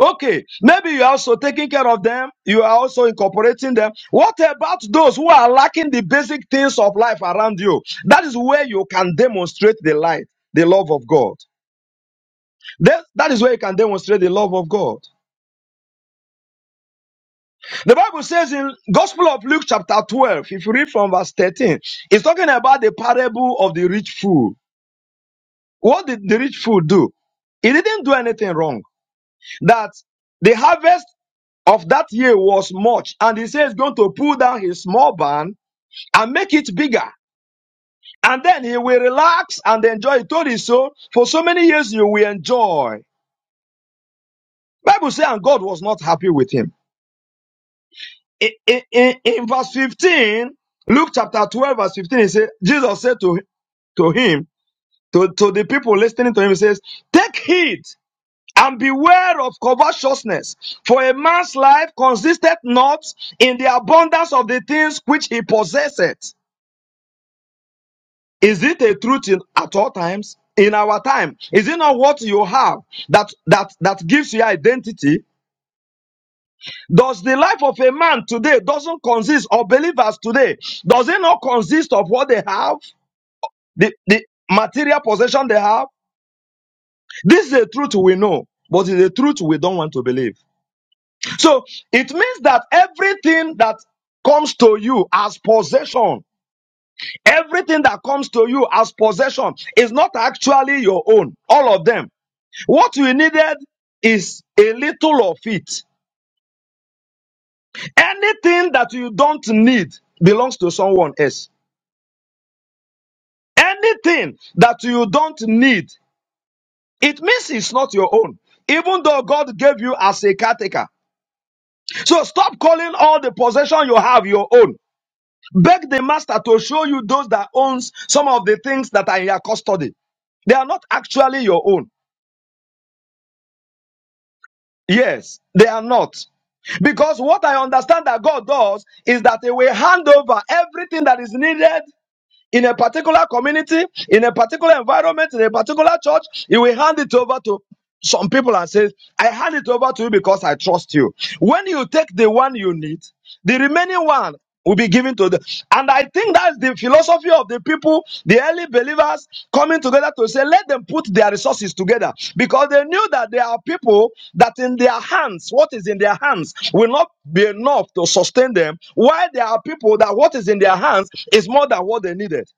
[SPEAKER 8] Okay, maybe you are also taking care of them, you are also incorporating them. What about those who are lacking the basic things of life around you? That is where you can demonstrate the light, the love of God. That, that is where you can demonstrate the love of God. The Bible says in Gospel of Luke chapter 12, if you read from verse 13, it's talking about the parable of the rich fool. What did the rich fool do? He didn't do anything wrong. That the harvest of that year was much, and he says he's going to pull down his small barn and make it bigger. And then he will relax and enjoy. He told his soul, for so many years you will enjoy. Bible says, and God was not happy with him. in, in, in verse 15, Luke chapter 12, verse 15, he said, Jesus said to, to him, to, to the people listening to him, he says, Take heed and beware of covetousness, for a man's life consisteth not in the abundance of the things which he possesseth. Is it a truth in, at all times? In our time, is it not what you have that that that gives you identity? Does the life of a man today doesn't consist of believers today? Does it not consist of what they have, the, the material possession they have? This is a truth we know, but it's a truth we don't want to believe. So it means that everything that comes to you as possession, everything that comes to you as possession is not actually your own. All of them. What you needed is a little of it. Anything that you don't need belongs to someone else. Anything that you don't need, it means it's not your own, even though God gave you as a caretaker. So stop calling all the possession you have your own. Beg the master to show you those that owns some of the things that are in your custody. They are not actually your own. Yes, they are not. Because what I understand that God does is that He will hand over everything that is needed in a particular community, in a particular environment, in a particular church, he will hand it over to some people and say, I hand it over to you because I trust you. When you take the one you need, the remaining one will be given to the. And I think that's the philosophy of the the people, the early believers coming together to say, let them put their resources together because they knew that there are people that in their hands, what is in their hands will not be enough to sustain them, while there are people that what is in their hands is more than what they needed.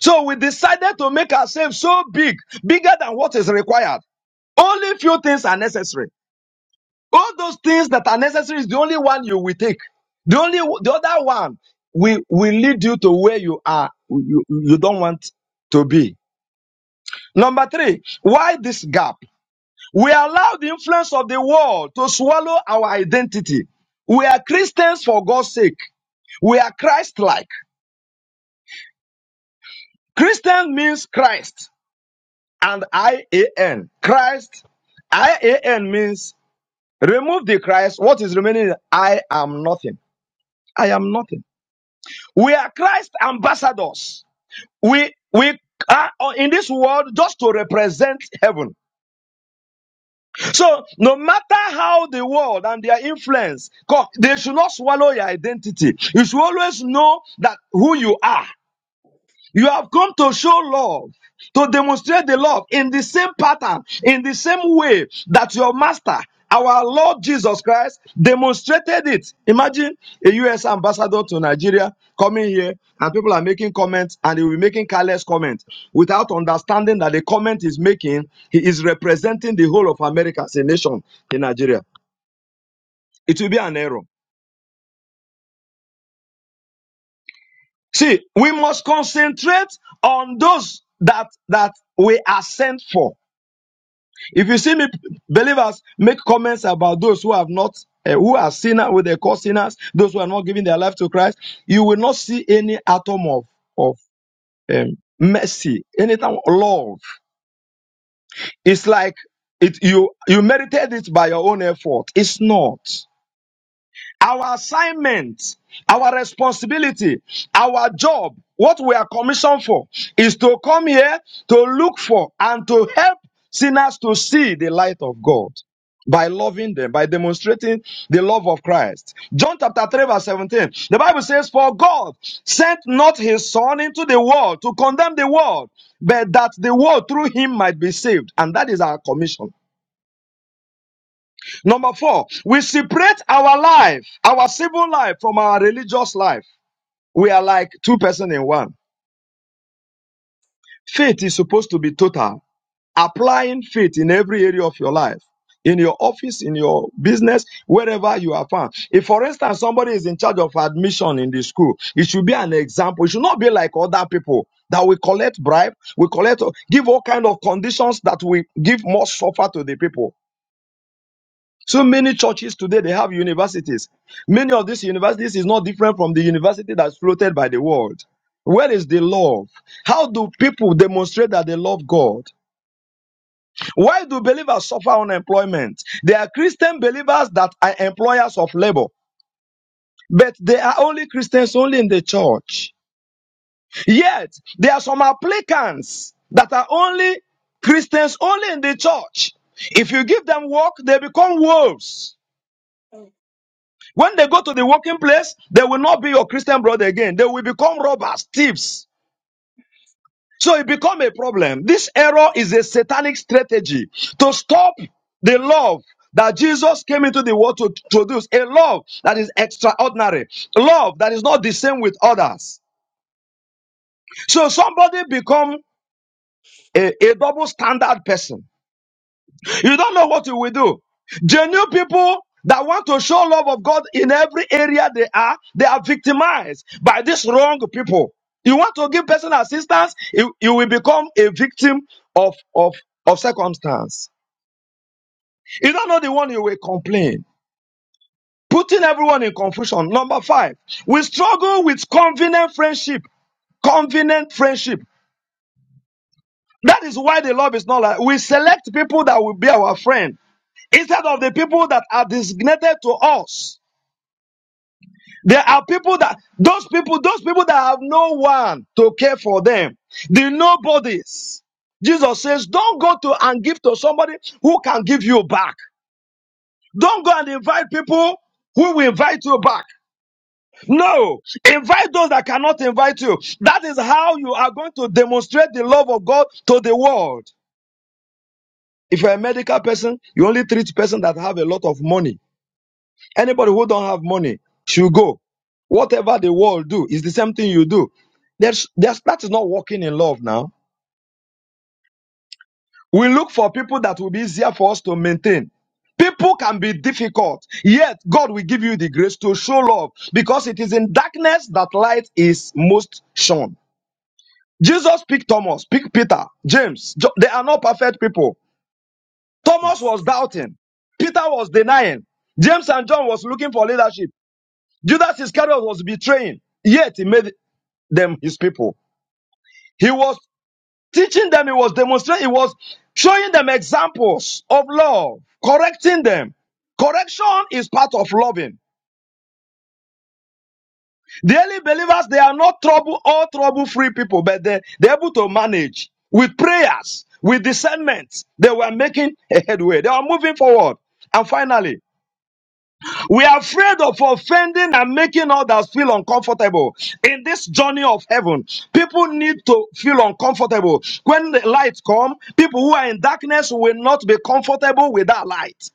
[SPEAKER 8] So we decided to make ourselves so big, bigger than what is required. Only few things are necessary. All those things that are necessary is the only one you will take. The only the other one will will lead you to where you are you, you don't want to be. Number three, why this gap? We allow the influence of the world to swallow our identity. We are Christians for God's sake. We are Christ-like. Christian means Christ and I-A-N. Christ, I-A-N means remove the Christ. What is remaining? I am nothing. I am nothing. We are Christ ambassadors. We we are in this world just to represent heaven. So no matter how the world and their influence, they should not swallow your identity. You should always know that who you are. You have come to show love, to demonstrate the love in the same pattern, in the same way that your master, our Lord Jesus Christ, demonstrated it. Imagine a U.S. ambassador to Nigeria coming here and people are making comments and he will be making careless comments without understanding that the comment is making, he is representing the whole of America as a nation in Nigeria. It will be an error. See, we must concentrate on those that, that we are sent for. If you see me, believers, make comments about those who have not, uh, who are sinners, who they call sinners, those who are not giving their life to Christ, you will not see any atom of of um, mercy, anything love. It's like it you you merited it by your own effort. It's not our assignment, our responsibility, our job, what we are commissioned for, is to come here to look for and to help sinners to see the light of God by loving them, by demonstrating the love of Christ. John chapter 3, verse 17. The Bible says, For God sent not his Son into the world to condemn the world, but that the world through him might be saved. And that is our commission. Number four, we separate our life, our civil life from our religious life. We are like two persons in one. Faith is supposed to be total. Applying faith in every area of your life, in your office, in your business, wherever you are found. If, for instance, somebody is in charge of admission in the school, it should be an example. It should not be like other people that we collect bribe, we collect, give all kind of conditions that we give more suffer to the people. So many churches today they have universities. Many of these universities is not different from the university that's floated by the world. Where is the love? How do people demonstrate that they love God? Why do believers suffer unemployment? There are Christian believers that are employers of labor, but they are only Christians only in the church. Yet there are some applicants that are only Christians only in the church. If you give them work, they become wolves. When they go to the working place, they will not be your Christian brother again. They will become robbers, thieves. So it become a problem. This error is a satanic strategy to stop the love that Jesus came into the world to produce, a love that is extraordinary, love that is not the same with others. So somebody become a, a double standard person You don't know what you will do. Genuine people that want to show love of God in every area they are, they are victimized by these wrong people. You want to give personal assistance, you, you will become a victim of, of, of circumstance. You don't know the one you will complain. Putting everyone in confusion. Number five, we struggle with convenient friendship convenient friendship. That is why the love is not like we select people that will be our friend. instead of the people that are designated to us. There are people that, those people, those people that have no one to care for them, the nobodies. Jesus says, don't go to and give to somebody who can give you back. Don't go and invite people who will invite you back. No, invite those that cannot invite you. That is how you are going to demonstrate the love of God to the world. If you're a medical person, you only treat person that have a lot of money Anybody who don't have money should go. Whatever the world do, is the same thing you do. There's, there's, that is not working in love now. We look for people that will be easier for us to maintain. People can be difficult, yet God will give you the grace to show love because it is in darkness that light is most shone. Jesus picked Thomas, picked Peter, James. Jo- They are not perfect people. Thomas was doubting. Peter was denying. James and John was looking for leadership. Judas Iscariot was betraying, yet he made them his people. He was teaching them, he was demonstrating, he was showing them examples of love, correcting them. Correction is part of loving. The early believers, they are not trouble or trouble free people, but they, they're able to manage with prayers, with discernment. They were making a headway, they are moving forward. And finally, We are afraid of offending and making others feel uncomfortable. In this journey of heaven, people need to feel uncomfortable. When the light come, people who are in darkness will not be comfortable with that light.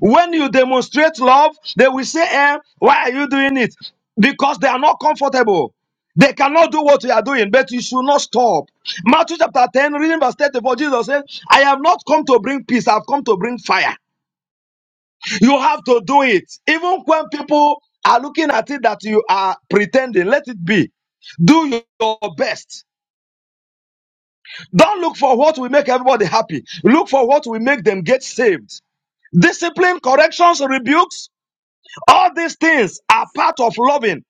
[SPEAKER 8] When you demonstrate love, they will say, eh, why are you doing it? Because they are not comfortable. They cannot do what you are doing, but you should not stop. Matthew chapter 10, reading verse 34, Jesus said, I have not come to bring peace, I have come to bring fire. You have to do it. Even when people are looking at it that you are pretending, let it be. Do your best. Don't look for what will make everybody happy. Look for what will make them get saved. Discipline, corrections, rebukes, all these things are part of loving.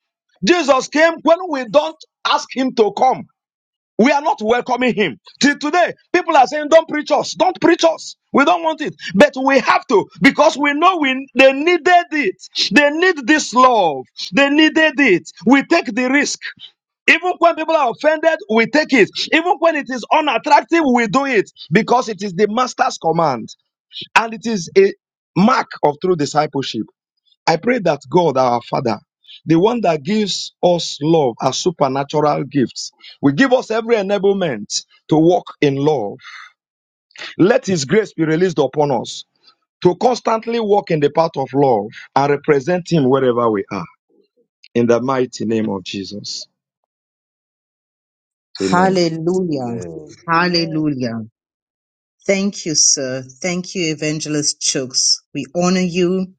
[SPEAKER 8] Jesus came when we don't ask him to come. We are not welcoming him. Till today, people are saying, Don't preach us, don't preach us. We don't want it. But we have to because we know we they needed it. They need this love. They needed it. We take the risk. Even when people are offended, we take it. Even when it is unattractive, we do it because it is the master's command and it is a mark of true discipleship. I pray that God, our Father, the one that gives us love as supernatural gifts, will give us every enablement to walk in love. Let His grace be released upon us to constantly walk in the path of love and represent Him wherever we are. In the mighty name of Jesus. Amen.
[SPEAKER 1] Hallelujah.
[SPEAKER 3] Amen.
[SPEAKER 5] Amen.
[SPEAKER 1] Hallelujah. Thank you, sir. Thank you, Evangelist Chooks. We honor you.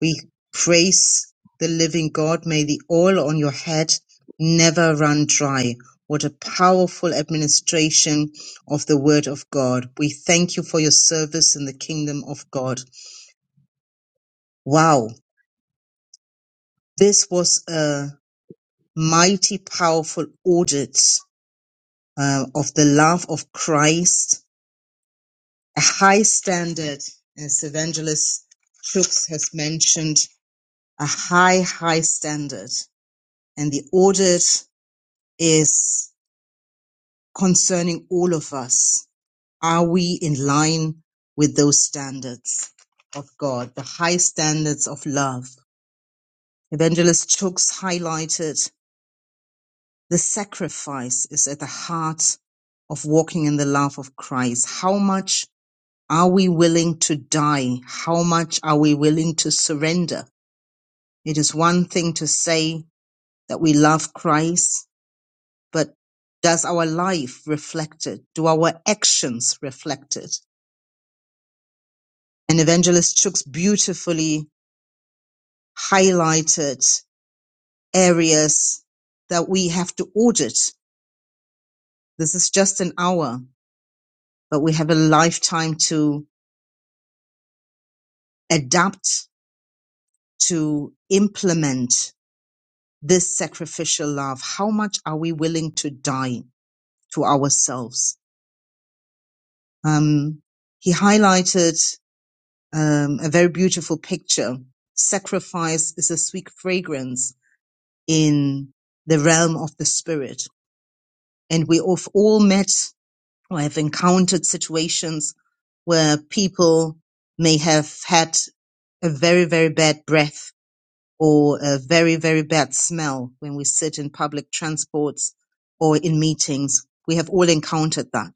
[SPEAKER 1] We praise the living God. May the oil on your head never run dry. What a powerful administration of the word of God. We thank you for your service in the kingdom of God. Wow. This was a mighty powerful audit uh, of the love of Christ, a high standard, as Evangelist Fuchs has mentioned, a high, high standard. And the audit is concerning all of us. Are we in line with those standards of God, the high standards of love? Evangelist Fuchs highlighted The sacrifice is at the heart of walking in the love of Christ. How much are we willing to die? How much are we willing to surrender? It is one thing to say that we love Christ, but does our life reflect it? Do our actions reflect it? And Evangelist Chooks beautifully highlighted areas that we have to audit. This is just an hour, but we have a lifetime to. adapt to implement this sacrificial love? How much are we willing to die to ourselves? Um, he highlighted um, a very beautiful picture. Sacrifice is a sweet fragrance in the realm of the spirit. And we have all met or have encountered situations where people may have had a very, very bad breath or a very, very bad smell when we sit in public transports or in meetings. We have all encountered that.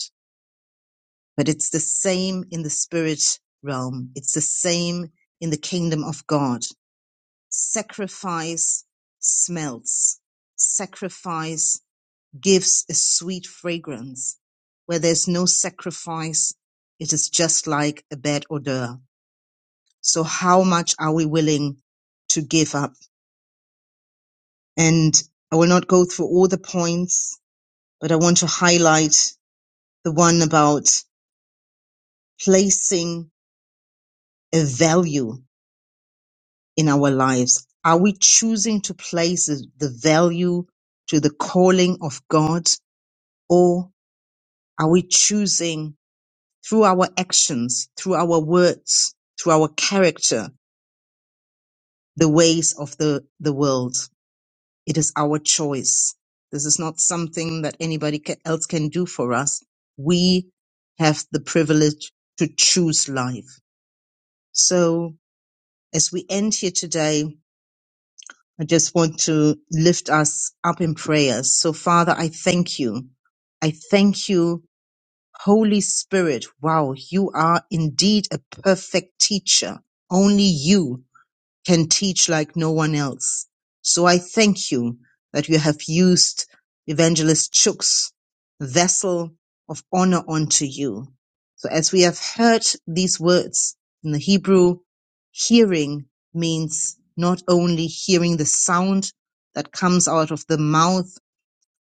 [SPEAKER 1] But it's the same in the spirit realm. It's the same in the kingdom of God. Sacrifice smells. Sacrifice gives a sweet fragrance. Where there's no sacrifice, it is just like a bad odor. So how much are we willing to give up? and I will not go through all the points, but I want to highlight the one about placing a value in our lives. Are we choosing to place the value to the calling of God or are we choosing through our actions, through our words, through our character, the ways of the, the world? It is our choice. This is not something that anybody ca- else can do for us. We have the privilege to choose life. So as we end here today, I just want to lift us up in prayer. So Father, I thank you. I thank you, Holy Spirit. Wow. You are indeed a perfect teacher. Only you can teach like no one else. So I thank you that you have used Evangelist Chooks, vessel of honor unto you. So as we have heard these words in the Hebrew, hearing means not only hearing the sound that comes out of the mouth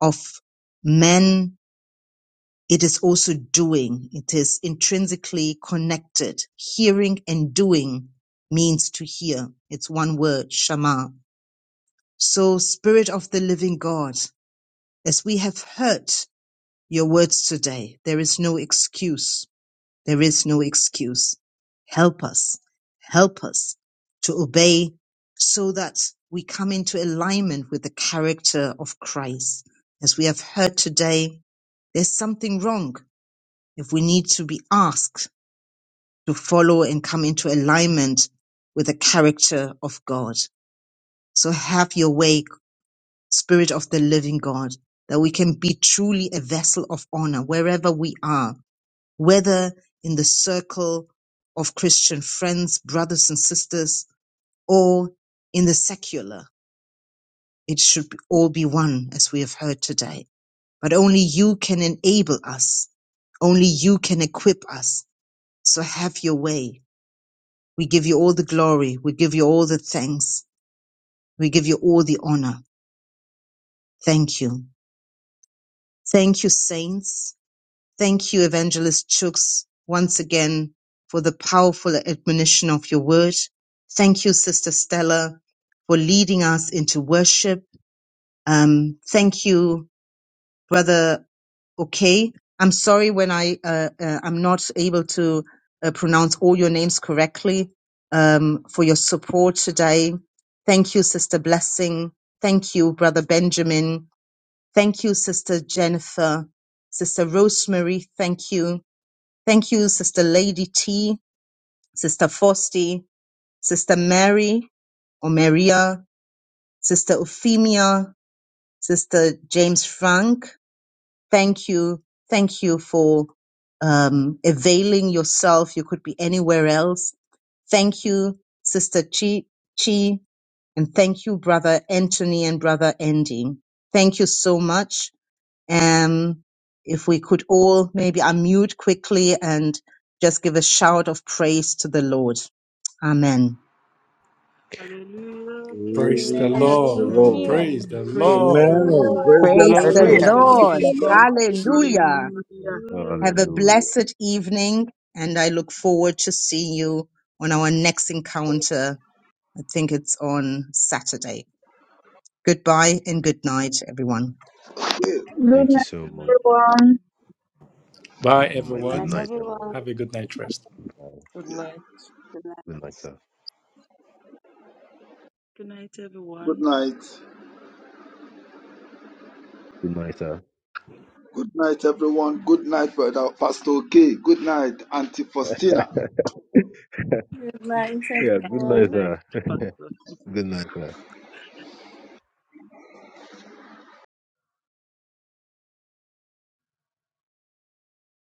[SPEAKER 1] of men it is also doing. It is intrinsically connected. Hearing and doing means to hear. It's one word, Shema. So, Spirit of the Living God, as we have heard your words today, there is no excuse. There is no excuse. Help us. Help us to obey so that we come into alignment with the character of Christ. As we have heard today, there's something wrong if we need to be asked to follow and come into alignment with the character of God. So have your way, Spirit of the living God, that we can be truly a vessel of honor wherever we are, whether in the circle of Christian friends, brothers and sisters, or in the secular. It should be- all be one, as we have heard today. But only you can enable us. Only you can equip us. So have your way We give you all the glory. We give you all the thanks. We give you all the honor. Thank you. Thank you, saints. Thank you, Evangelist Chooks, once again for the powerful admonition of your word. Thank you, Sister Stella, for leading us into worship. Um, thank you, brother okay i'm sorry when i uh, uh, i'm not able to uh, pronounce all your names correctly um, for your support today thank you sister blessing thank you brother benjamin thank you sister jennifer sister rosemary thank you thank you sister lady t sister fosty sister mary or maria sister euphemia sister james frank Thank you. Thank you for um, availing yourself. You could be anywhere else. Thank you, Sister Chi, Chi, and thank you, Brother Anthony and Brother Andy. Thank you so much. Um, if we could all maybe unmute quickly and just give a shout of praise to the Lord. Amen.
[SPEAKER 5] Hallelujah.
[SPEAKER 9] Praise the
[SPEAKER 3] Praise
[SPEAKER 7] Amen.
[SPEAKER 3] the
[SPEAKER 9] Lord.
[SPEAKER 10] Hallelujah.
[SPEAKER 3] Lord.
[SPEAKER 9] Praise
[SPEAKER 11] Amen.
[SPEAKER 9] the
[SPEAKER 11] Praise the
[SPEAKER 9] Lord.
[SPEAKER 8] Amen.
[SPEAKER 11] Lord.
[SPEAKER 8] Praise
[SPEAKER 10] Good
[SPEAKER 8] the
[SPEAKER 1] Praise the
[SPEAKER 8] Lord.
[SPEAKER 11] Praise
[SPEAKER 12] Hallelujah.
[SPEAKER 11] the
[SPEAKER 5] Hallelujah.
[SPEAKER 9] Hallelujah.
[SPEAKER 1] Lord.
[SPEAKER 11] living God.
[SPEAKER 1] Hallelujah.
[SPEAKER 11] Hallelujah.
[SPEAKER 3] Yeah,
[SPEAKER 5] Hallelujah.
[SPEAKER 1] Have a
[SPEAKER 3] Hallelujah.
[SPEAKER 1] blessed evening, and I look forward to seeing you on our next encounter. I think it's on Saturday. Goodbye and good night, everyone.
[SPEAKER 13] Hey,
[SPEAKER 4] Good
[SPEAKER 3] Thank you
[SPEAKER 4] night,
[SPEAKER 3] so
[SPEAKER 5] Good
[SPEAKER 3] much.
[SPEAKER 5] night, everyone.
[SPEAKER 4] everyone.
[SPEAKER 3] Thank you
[SPEAKER 9] Bye,
[SPEAKER 3] so much. Good
[SPEAKER 10] night,
[SPEAKER 9] everyone.
[SPEAKER 3] night,
[SPEAKER 10] everyone.
[SPEAKER 3] everyone.
[SPEAKER 9] Have a good night rest.
[SPEAKER 3] Bye.
[SPEAKER 14] Good night.
[SPEAKER 10] Good night.
[SPEAKER 3] Good night, sir.
[SPEAKER 5] Good night,
[SPEAKER 13] good
[SPEAKER 5] everyone.
[SPEAKER 13] night.
[SPEAKER 3] Good night, sir.
[SPEAKER 13] Good night, everyone. Good night, brother Pastor K. Good night, Auntie Faustina.
[SPEAKER 3] (laughs)
[SPEAKER 7] Good night,
[SPEAKER 3] yeah, good
[SPEAKER 5] Good
[SPEAKER 3] night,
[SPEAKER 7] everyone.
[SPEAKER 5] night,
[SPEAKER 3] sir. (laughs)
[SPEAKER 5] Pastor.
[SPEAKER 3] good night, sir.